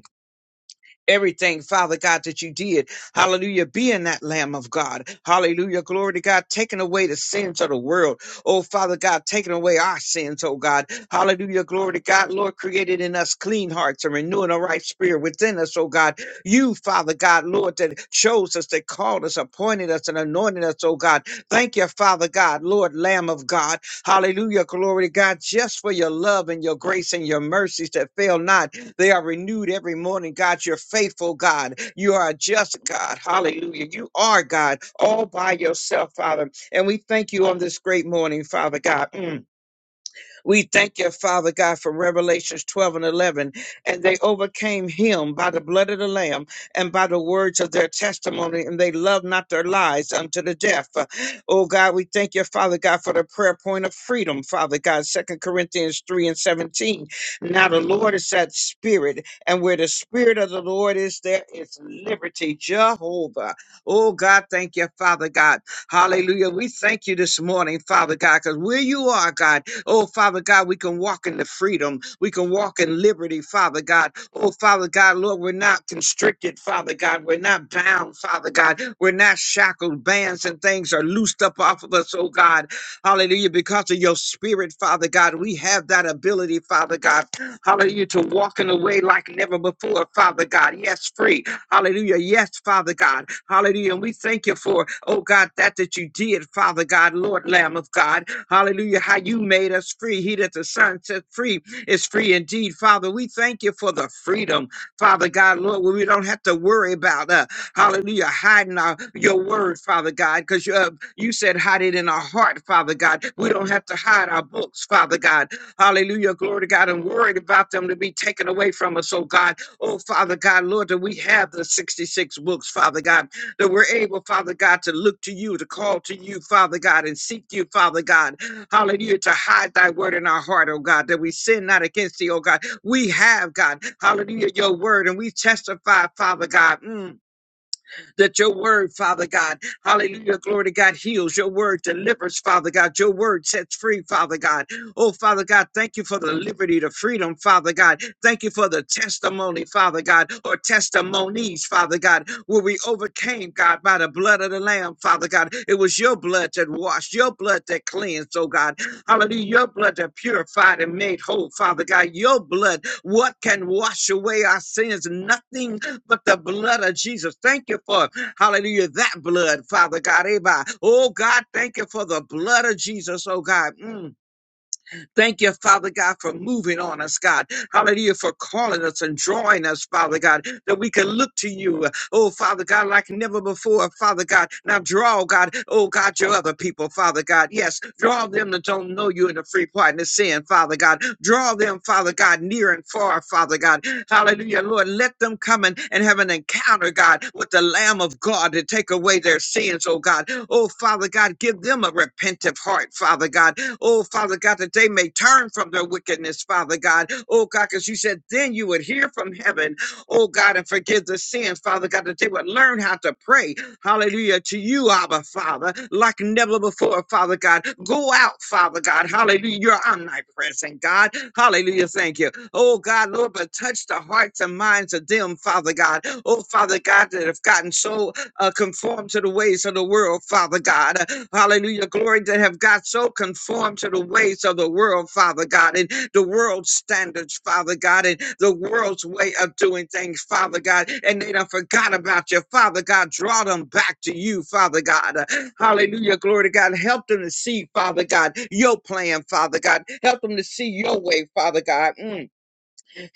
Speaker 5: everything, Father God, that you did. Hallelujah. Being that Lamb of God. Hallelujah. Glory to God. Taking away the sins of the world. Oh, Father God, taking away our sins, oh God. Hallelujah. Glory to God. Lord, created in us clean hearts and renewing a right spirit within us, oh God. You, Father God, Lord, that chose us, that called us, appointed us, and anointed us, oh God. Thank you, Father God, Lord, Lamb of God. Hallelujah. Glory to God, just for your love and your grace and your mercies that fail not. They are renewed every morning. God, you're faithful, God. You are a just God. Hallelujah. You are God all by yourself, Father. And we thank you on this great morning, Father God. Mm. We thank you, Father God, for Revelations 12 and 11. And they overcame him by the blood of the Lamb and by the words of their testimony, and they loved not their lives unto the death. Uh, Oh God, we thank you, Father God, for the prayer point of freedom, Father God, Second Corinthians 3 and 17. Now the Lord is that spirit, and where the spirit of the Lord is, there is liberty, Jehovah. Oh God, thank you, Father God. Hallelujah. We thank you this morning, Father God, because where you are, God. Oh, Father God, we can walk in the freedom. We can walk in liberty, Father God. Oh, Father God, Lord, we're not constricted, Father God. We're not bound, Father God. We're not shackled. Bands and things are loosed up off of us, oh God. Hallelujah. Because of your spirit, Father God, we have that ability, Father God. Hallelujah. To walk in a way like never before, Father God. Yes, free. Hallelujah. Yes, Father God. Hallelujah. And we thank you for, oh God, that that you did, Father God, Lord Lamb of God. Hallelujah. How you made us free. He that the Son set free is free indeed. Father, we thank you for the freedom. Father God, Lord, where we don't have to worry about uh, hallelujah, hiding our, your word, Father God, because you, uh, you said hide it in our heart, Father God. We don't have to hide our books, Father God. Hallelujah. Glory to God. I'm worried about them to be taken away from us, oh God. Oh, Father God, Lord, that we have the 66 books, Father God, that we're able, Father God, to look to you, to call to you, Father God, and seek you, Father God. Hallelujah. To hide thy word in our heart, oh God, that we sin not against thee, oh God. We have, God. Hallelujah. Your word and we testify, Father God. Mm that your word, Father God, hallelujah, glory to God, heals. Your word delivers, Father God. Your word sets free, Father God. Oh, Father God, thank you for the liberty, the freedom, Father God. Thank you for the testimony, Father God, or testimonies, Father God, where we overcame, God, by the blood of the Lamb, Father God. It was your blood that washed, your blood that cleansed, oh God. Hallelujah. Your blood that purified and made whole, Father God. Your blood, what can wash away our sins? Nothing but the blood of Jesus. Thank you for, hallelujah, that blood, Father God. Eba. Oh, God, thank you for the blood of Jesus, oh, God. Mm. Thank you, Father God, for moving on us, God. Hallelujah, for calling us and drawing us, Father God, that we can look to you, oh, Father God, like never before, Father God. Now draw, God, oh, God, your other people, Father God. Yes, draw them that don't know you in the free partner sin, Father God. Draw them, Father God, near and far, Father God. Hallelujah, Lord. Let them come and, and have an encounter, God, with the Lamb of God to take away their sins, oh God. Oh, Father God, give them a repentant heart, Father God. Oh, Father God, that they may turn from their wickedness, Father God. Oh, God, because you said then you would hear from heaven, oh God, and forgive the sins, Father God, that they would learn how to pray. Hallelujah. To you, Abba, Father, like never before, Father God. Go out, Father God. Hallelujah. You're omnipresent, God. Hallelujah. Thank you. Oh God, Lord, but touch the hearts and minds of them, Father God. Oh Father God, that have gotten so uh, conformed to the ways of the world, Father God. Hallelujah. Glory that have got so conformed to the ways of the world, Father God, and the world's standards, Father God, and the world's way of doing things, Father God. And they done forgot about you, Father God. Draw them back to you, Father God. Hallelujah. Glory to God. Help them to see, Father God, your plan, Father God. Help them to see your way, Father God. Mm.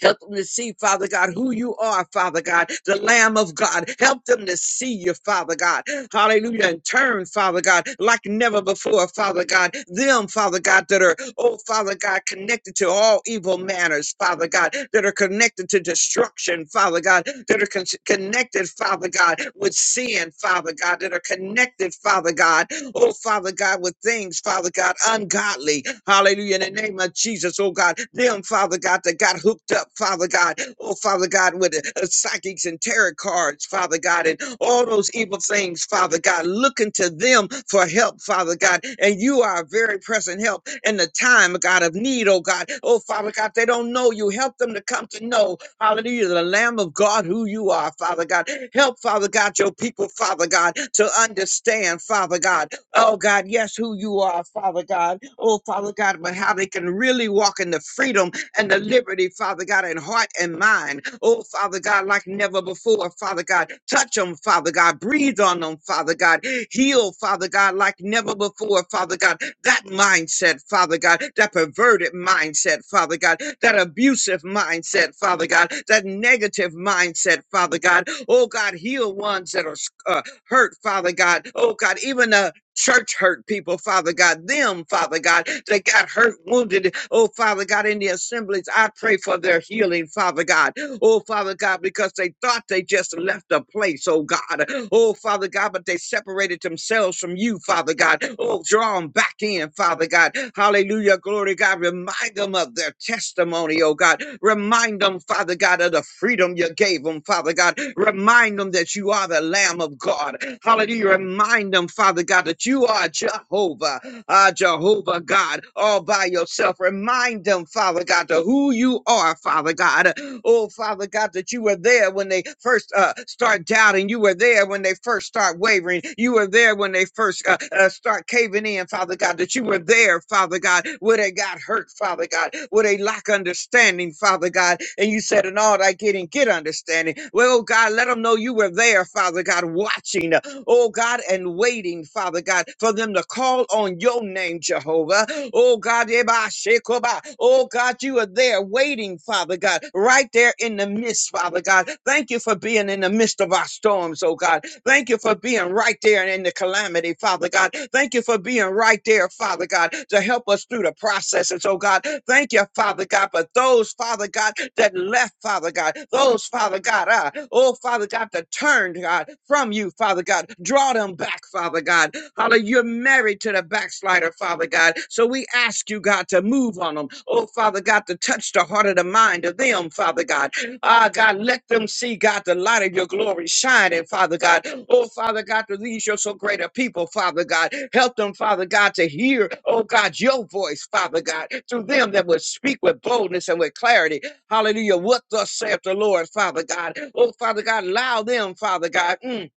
Speaker 5: Help them to see, Father God, who you are, Father God, the Lamb of God. Help them to see you, Father God. Hallelujah. And turn, Father God, like never before, Father God. Them, Father God, that are, oh, Father God, connected to all evil manners, Father God, that are connected to destruction, Father God, that are con- connected, Father God, with sin, Father God, that are connected, Father God oh Father God, with things, Father God, ungodly. Hallelujah. In the name of Jesus, oh God, them, Father God, that got hooked up, Father God, oh Father God, with uh, psychics and tarot cards, Father God, and all those evil things, Father God, looking to them for help, Father God. And you are a very present help in the time, God, of need, oh God. Oh Father God, they don't know you. Help them to come to know, hallelujah, the Lamb of God, who you are, Father God. Help, Father God, your people, Father God, to understand, Father God. Oh God, yes, who you are, Father God. Oh Father God, but how they can really walk in the freedom and the liberty, Father God, in heart and mind. Oh Father God, like never before, Father God. Touch them, Father God. Breathe on them, Father God. Heal, Father God, like never before, Father God. That mindset, Father God, that perverted mindset, Father God, that abusive mindset, Father God, that negative mindset, Father God. Oh God, heal ones that are sc- uh, hurt, Father God. Oh God, even the church hurt people, Father God, them, Father God, that got hurt, wounded, oh, Father God, in the assemblies. I pray for their healing, Father God, oh, Father God, because they thought they just left a place, oh, God, oh, Father God, but they separated themselves from you, Father God, oh, draw them back in, Father God, hallelujah, glory, God, remind them of their testimony, oh, God, remind them, Father God, of the freedom you gave them, Father God, remind them that you are the Lamb of God, hallelujah, remind them, Father God, God, that you are Jehovah, uh, Jehovah God, all by yourself. Remind them, Father God, to who you are, Father God. Oh, Father God, that you were there when they first uh, start doubting. You were there when they first start wavering. You were there when they first uh, uh, start caving in, Father God, that you were there, Father God, where they got hurt, Father God, where they lack understanding, Father God. And you said, in all thy getting, get understanding. Well, oh God, let them know you were there, Father God, watching, uh, oh God, and waiting, Father. Father God, for them to call on your name, Jehovah. Oh God, Yeba Shekoba. oh God, you are there waiting, Father God, right there in the midst, Father God. Thank you for being in the midst of our storms, oh God. Thank you for being right there in the calamity, Father God. Thank you for being right there, Father God, to help us through the processes, oh God. Thank you, Father God, for those, Father God, that left, Father God, those, Father God, uh, oh, Father God, that turned, God, from you, Father God. Draw them back, Father God. Father, you're married to the backslider, Father God. So we ask you, God, to move on them. Oh, Father God, to touch the heart of the mind of them, Father God. Ah, God, let them see, God, the light of your glory shining, Father God. Oh, Father God, to these your so great a people, Father God. Help them, Father God, to hear, oh God, your voice, Father God, through them that will speak with boldness and with clarity. Hallelujah. What thus saith the Lord, Father God. Oh, Father God, allow them, Father God. mm,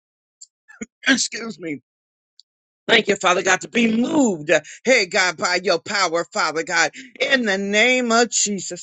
Speaker 5: Excuse me Thank you, Father God, to be moved, hey God, by your power, Father God, in the name of Jesus.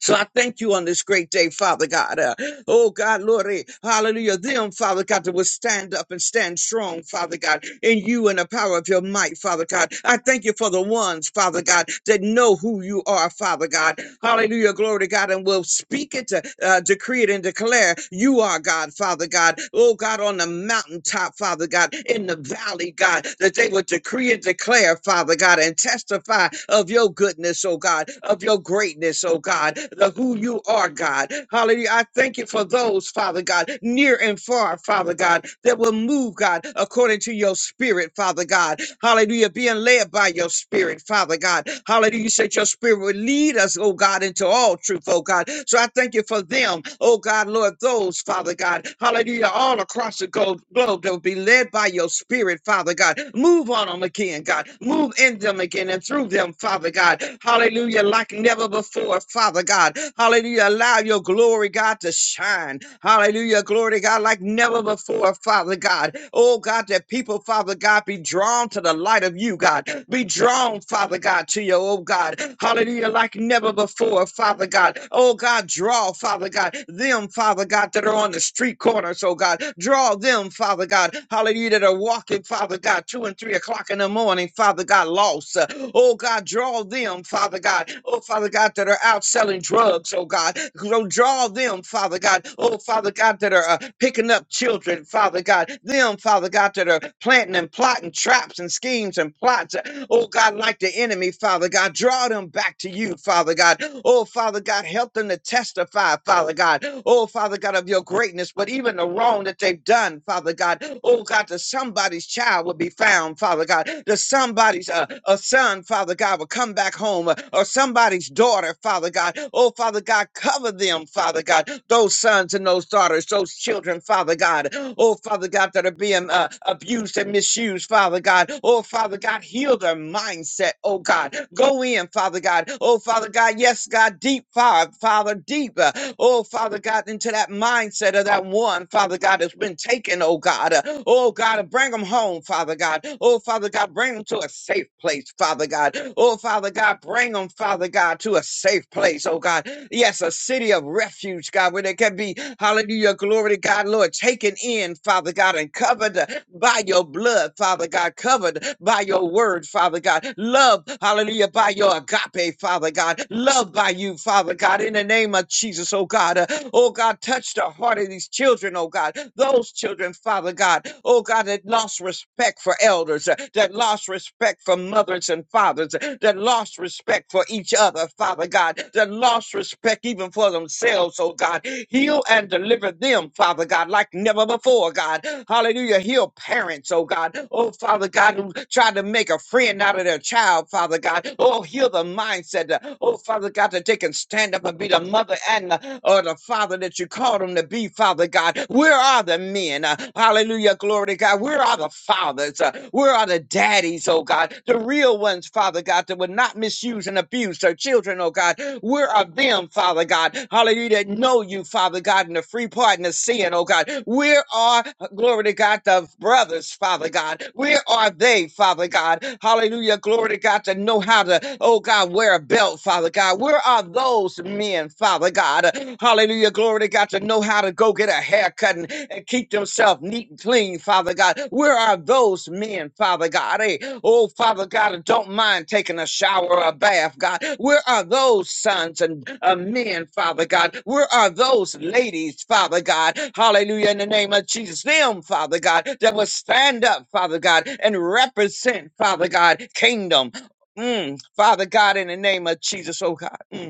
Speaker 5: So I thank you on this great day, Father God. Uh, oh God, Lord, eh, hallelujah. Them, Father God, that will stand up and stand strong, Father God, in you and the power of your might, Father God. I thank you for the ones, Father God, that know who you are, Father God. Hallelujah, glory to God, and will speak it, to, uh, decree it, and declare you are God, Father God. Oh God, on the mountaintop, Father God, in the valley, God, that they would decree and declare declare, Father God, and testify of your goodness, oh God, of your greatness, oh God, the who you are, God. Hallelujah. I thank you for those, Father God, near and far, Father God, that will move, God, according to your spirit, Father God. Hallelujah. Being led by your spirit, Father God. Hallelujah. You said your spirit would lead us, oh God, into all truth, oh God. So I thank you for them, oh God, Lord, those, Father God. Hallelujah. All across across the go- globe that will be led by your spirit, Father God. Move on them again, God. Move in them again and through them, Father God. Hallelujah, like never before, Father God. Hallelujah, allow your glory, God, to shine. Hallelujah, glory to God, like never before, Father God. Oh, God, that people, Father God, be drawn to the light of you, God. Be drawn, Father God, to your, oh, God. Hallelujah, like never before, Father God. God. Oh, God, draw, Father God, them, Father God, that are on the street corners, oh God. Draw them, Father God, hallelujah, that are walking, Father God, two and three o'clock in the morning, Father God, lost. Uh, Oh, God, draw them, Father God. Oh, Father God, that are out selling drugs, oh God. So draw them, Father God. Oh, Father God, that are uh, picking up children, Father God. Them, Father God, that are planting and plotting traps and schemes and plots. Oh God, like the enemy, Father God, draw them back to you, Father God. Oh Father God, help them to testify, Father God. Oh Father God, of your greatness, but even the wrong that they've done, Father God. Oh God, that somebody's child will be found, Father God. That somebody's uh, a son, Father God, will come back home, uh, or somebody's daughter, Father God. Oh Father God, cover them, Father God. Those sons and those daughters, those children, Father God. God. Oh, Father God, that are being uh, abused and misused, Father God. Oh, Father God, heal their mindset, oh God. Go in, Father God. Oh, Father God, yes, God, deep, Father, Father, deep. uh, Oh, Father God, into that mindset of that one, Father God, that's been taken, oh God. Uh, Oh, God, bring them home, Father God. Oh, Father God, bring them to a safe place, Father God. Oh, Father God, bring them, Father God, to a safe place, oh God. Yes, a city of refuge, God, where there can be, hallelujah, glory to God, Lord, taken in, Father God, and covered uh, by your blood, Father God, covered by your word, Father God, love, hallelujah, by your agape, Father God, love by you, Father God, in the name of Jesus, oh God, uh, oh God, touch the heart of these children, oh God, those children, Father God, oh God, that lost respect for elders, uh, that lost respect for mothers mothers and fathers that lost respect for each other, Father God, that lost respect even for themselves, oh God. Heal and deliver them, Father God, like never before, God. Hallelujah. Heal parents, oh God. Oh, Father God, who tried to make a friend out of their child, Father God. Oh, heal the mindset. uh, Oh, Father God, that they can stand up and be the mother and the, or the father that you called them to be, Father God. Where are the men? Uh, Hallelujah. Glory to God. Where are the fathers? Uh, Where are the daddies, oh God? The real ones, Father God, that would not misuse and abuse their children, oh God. Where are them, Father God? Hallelujah. That know you, Father God, in the free pardon of sin, oh God. Where are, glory to God, the brothers, Father God? Where are they, Father God? Hallelujah. Glory to God, to know how to, oh God, wear a belt, Father God. Where are those men, Father? Father God. Hallelujah. Glory to God to know how to go get a haircut and, and keep themselves neat and clean, Father God. Where are those men, Father God? Hey, oh, Father God, that don't mind taking a shower or a bath, God. Where are those sons and uh, men, Father God? Where are those ladies, Father God? Hallelujah. In the name of Jesus, them, Father God, that will stand up, Father God, and represent, Father God, kingdom. Mm, Father God, in the name of Jesus, oh God. Mm.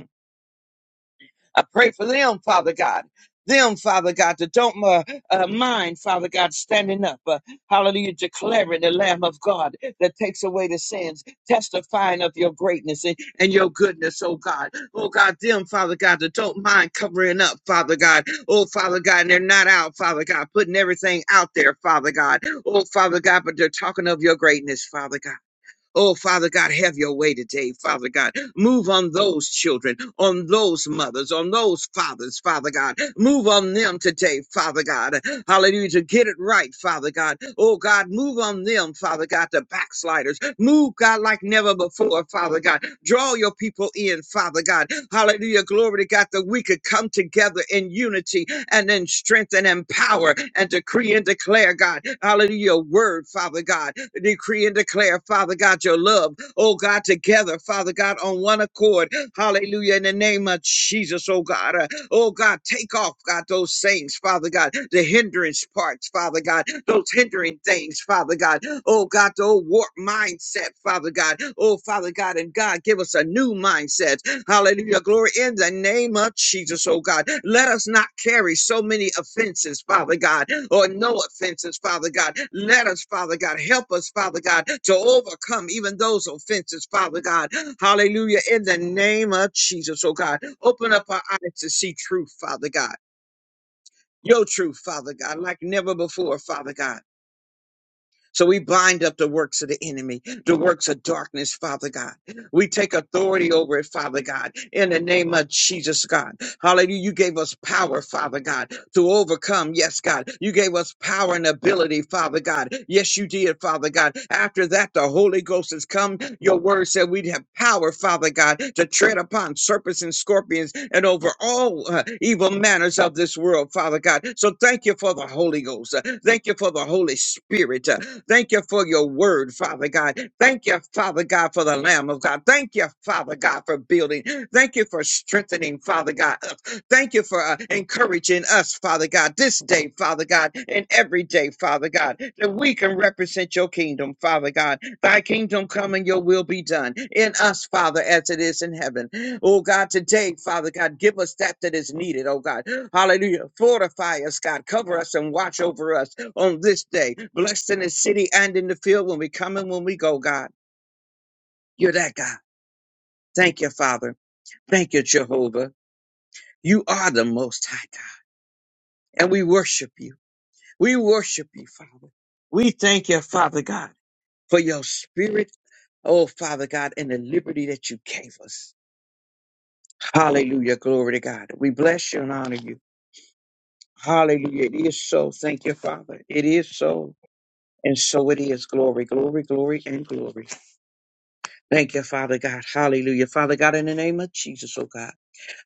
Speaker 5: I pray for them, Father God. Them, Father God, that don't uh, uh, mind, Father God, standing up. Uh, hallelujah, declaring the Lamb of God that takes away the sins, testifying of your greatness and, and your goodness, oh God. Oh God, them, Father God, that don't mind covering up, Father God. Oh, Father God, and they're not out, Father God, putting everything out there, Father God. Oh, Father God, but they're talking of your greatness, Father God. Oh, Father God, have your way today, Father God. Move on those children, on those mothers, on those fathers, Father God. Move on them today, Father God. Hallelujah, to get it right, Father God. Oh, God, move on them, Father God, the backsliders. Move, God, like never before, Father God. Draw your people in, Father God. Hallelujah. Glory to God that we could come together in unity and in strength and in power and decree and declare, God. Hallelujah. Your word, Father God. Decree and declare, Father God, your love. Oh God, together, Father God, on one accord. Hallelujah. In the name of Jesus, oh God. Oh God, take off, God, those things, Father God, the hindrance parts, Father God, those hindering things, Father God. Oh God, the old warped mindset, Father God. Oh Father God, and God, give us a new mindset. Hallelujah. Glory in the name of Jesus, oh God. Let us not carry so many offenses, Father God, or no offenses, Father God. Let us, Father God, help us, Father God, to overcome even those offenses, Father God. Hallelujah. In the name of Jesus, oh God. Open up our eyes to see truth, Father God. Your truth, Father God, like never before, Father God. So we bind up the works of the enemy, the works of darkness, Father God. We take authority over it, Father God, in the name of Jesus, God. Hallelujah. You gave us power, Father God, to overcome. Yes, God. You gave us power and ability, Father God. Yes, you did, Father God. After that, the Holy Ghost has come. Your word said we'd have power, Father God, to tread upon serpents and scorpions and over all uh, evil manners of this world, Father God. So thank you for the Holy Ghost. Uh, Thank you for the Holy Spirit. Thank you for your word, Father God. Thank you, Father God, for the Lamb of God. Thank you, Father God, for building. Thank you for strengthening, Father God. Thank you for uh, encouraging us, Father God, this day, Father God, and every day, Father God, that we can represent your kingdom, Father God. Thy kingdom come and your will be done in us, Father, as it is in heaven. Oh God, today, Father God, give us that that is needed, oh God. Hallelujah. Fortify us, God. Cover us and watch over us on this day. Blessed in the city and in the field when we come and when we go, God. You're that God. Thank you, Father. Thank you, Jehovah. You are the most high God. And we worship you. We worship you, Father. We thank you, Father God, for your spirit. Oh, Father God, and the liberty that you gave us. Hallelujah. Glory to God. We bless you and honor you. Hallelujah. It is so. Thank you, Father. It is so. And so it is. Glory, glory, glory, and glory. Thank you, Father God. Hallelujah. Father God, in the name of Jesus, oh God.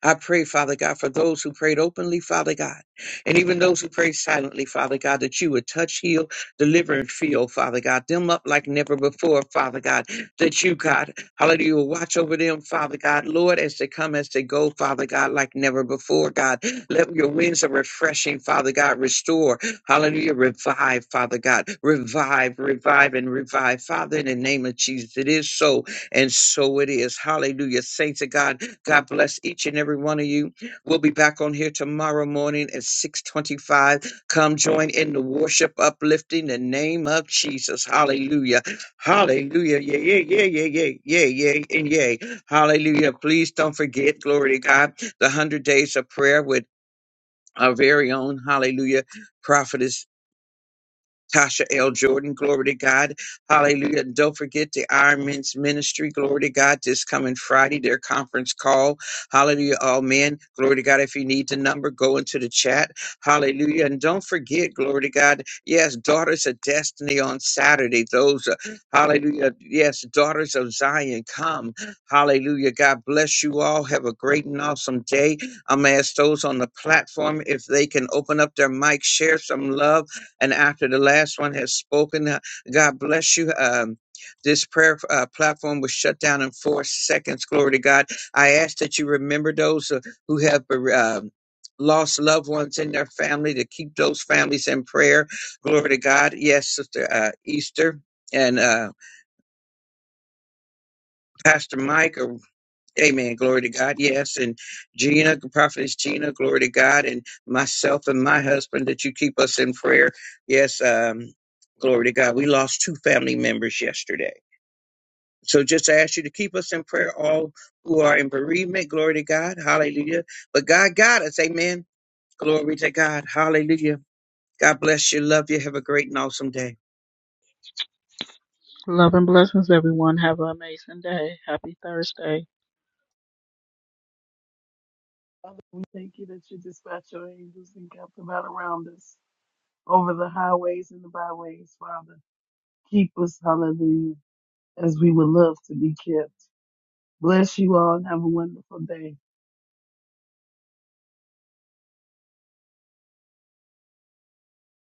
Speaker 5: I pray, Father God, for those who prayed openly, Father God, and even those who prayed silently, Father God, that you would touch, heal, deliver, and feel, Father God, them up like never before, Father God, that you, God, hallelujah, will watch over them, Father God, Lord, as they come, as they go, Father God, like never before, God. Let your winds of refreshing, Father God, restore, hallelujah, revive, Father God, revive, revive, and revive, Father, in the name of Jesus. It is so, and so it is. Hallelujah. Saints of God, God bless each and every one of you. We'll be back on here tomorrow morning at 625. Come join in the worship uplifting the name of Jesus. Hallelujah. Hallelujah. Yeah, yeah, yeah, yeah, yeah, yeah, yeah, and yeah. Hallelujah. Please don't forget, glory to God, the 100 days of prayer with our very own, hallelujah, prophetess Tasha L. Jordan, glory to God. Hallelujah. And don't forget the Iron Men's Ministry, glory to God, this coming Friday, their conference call. Hallelujah. All men, glory to God. If you need the number, go into the chat. Hallelujah. And don't forget, glory to God, yes, Daughters of Destiny on Saturday. Those, uh, hallelujah. Yes, Daughters of Zion, come. Hallelujah. God bless you all. Have a great and awesome day. I'm going to ask those on the platform if they can open up their mic, share some love and after the last one has spoken, uh, God bless you. Um, this prayer uh, platform was shut down in four seconds. Glory to God. I ask that you remember those uh, who have bere- um lost loved ones in their family to keep those families in prayer. Glory to God. Yes, Sister uh, Easter and uh, Pastor Mike Amen. Glory to God. Yes. And Gina, Prophetess Gina, glory to God. And myself and my husband that you keep us in prayer. Yes. Um, glory to God. We lost two family members yesterday. So just ask you to keep us in prayer, all who are in bereavement. Glory to God. Hallelujah. But God got us. Amen. Glory to God. Hallelujah. God bless you. Love you. Have a great and awesome day.
Speaker 2: Love and blessings, everyone. Have an amazing day. Happy Thursday.
Speaker 3: Father, we thank you that you dispatch your angels and kept them out around us over the highways and the byways, Father. Keep us, hallelujah, as we would love to be kept. Bless you all and have a wonderful day.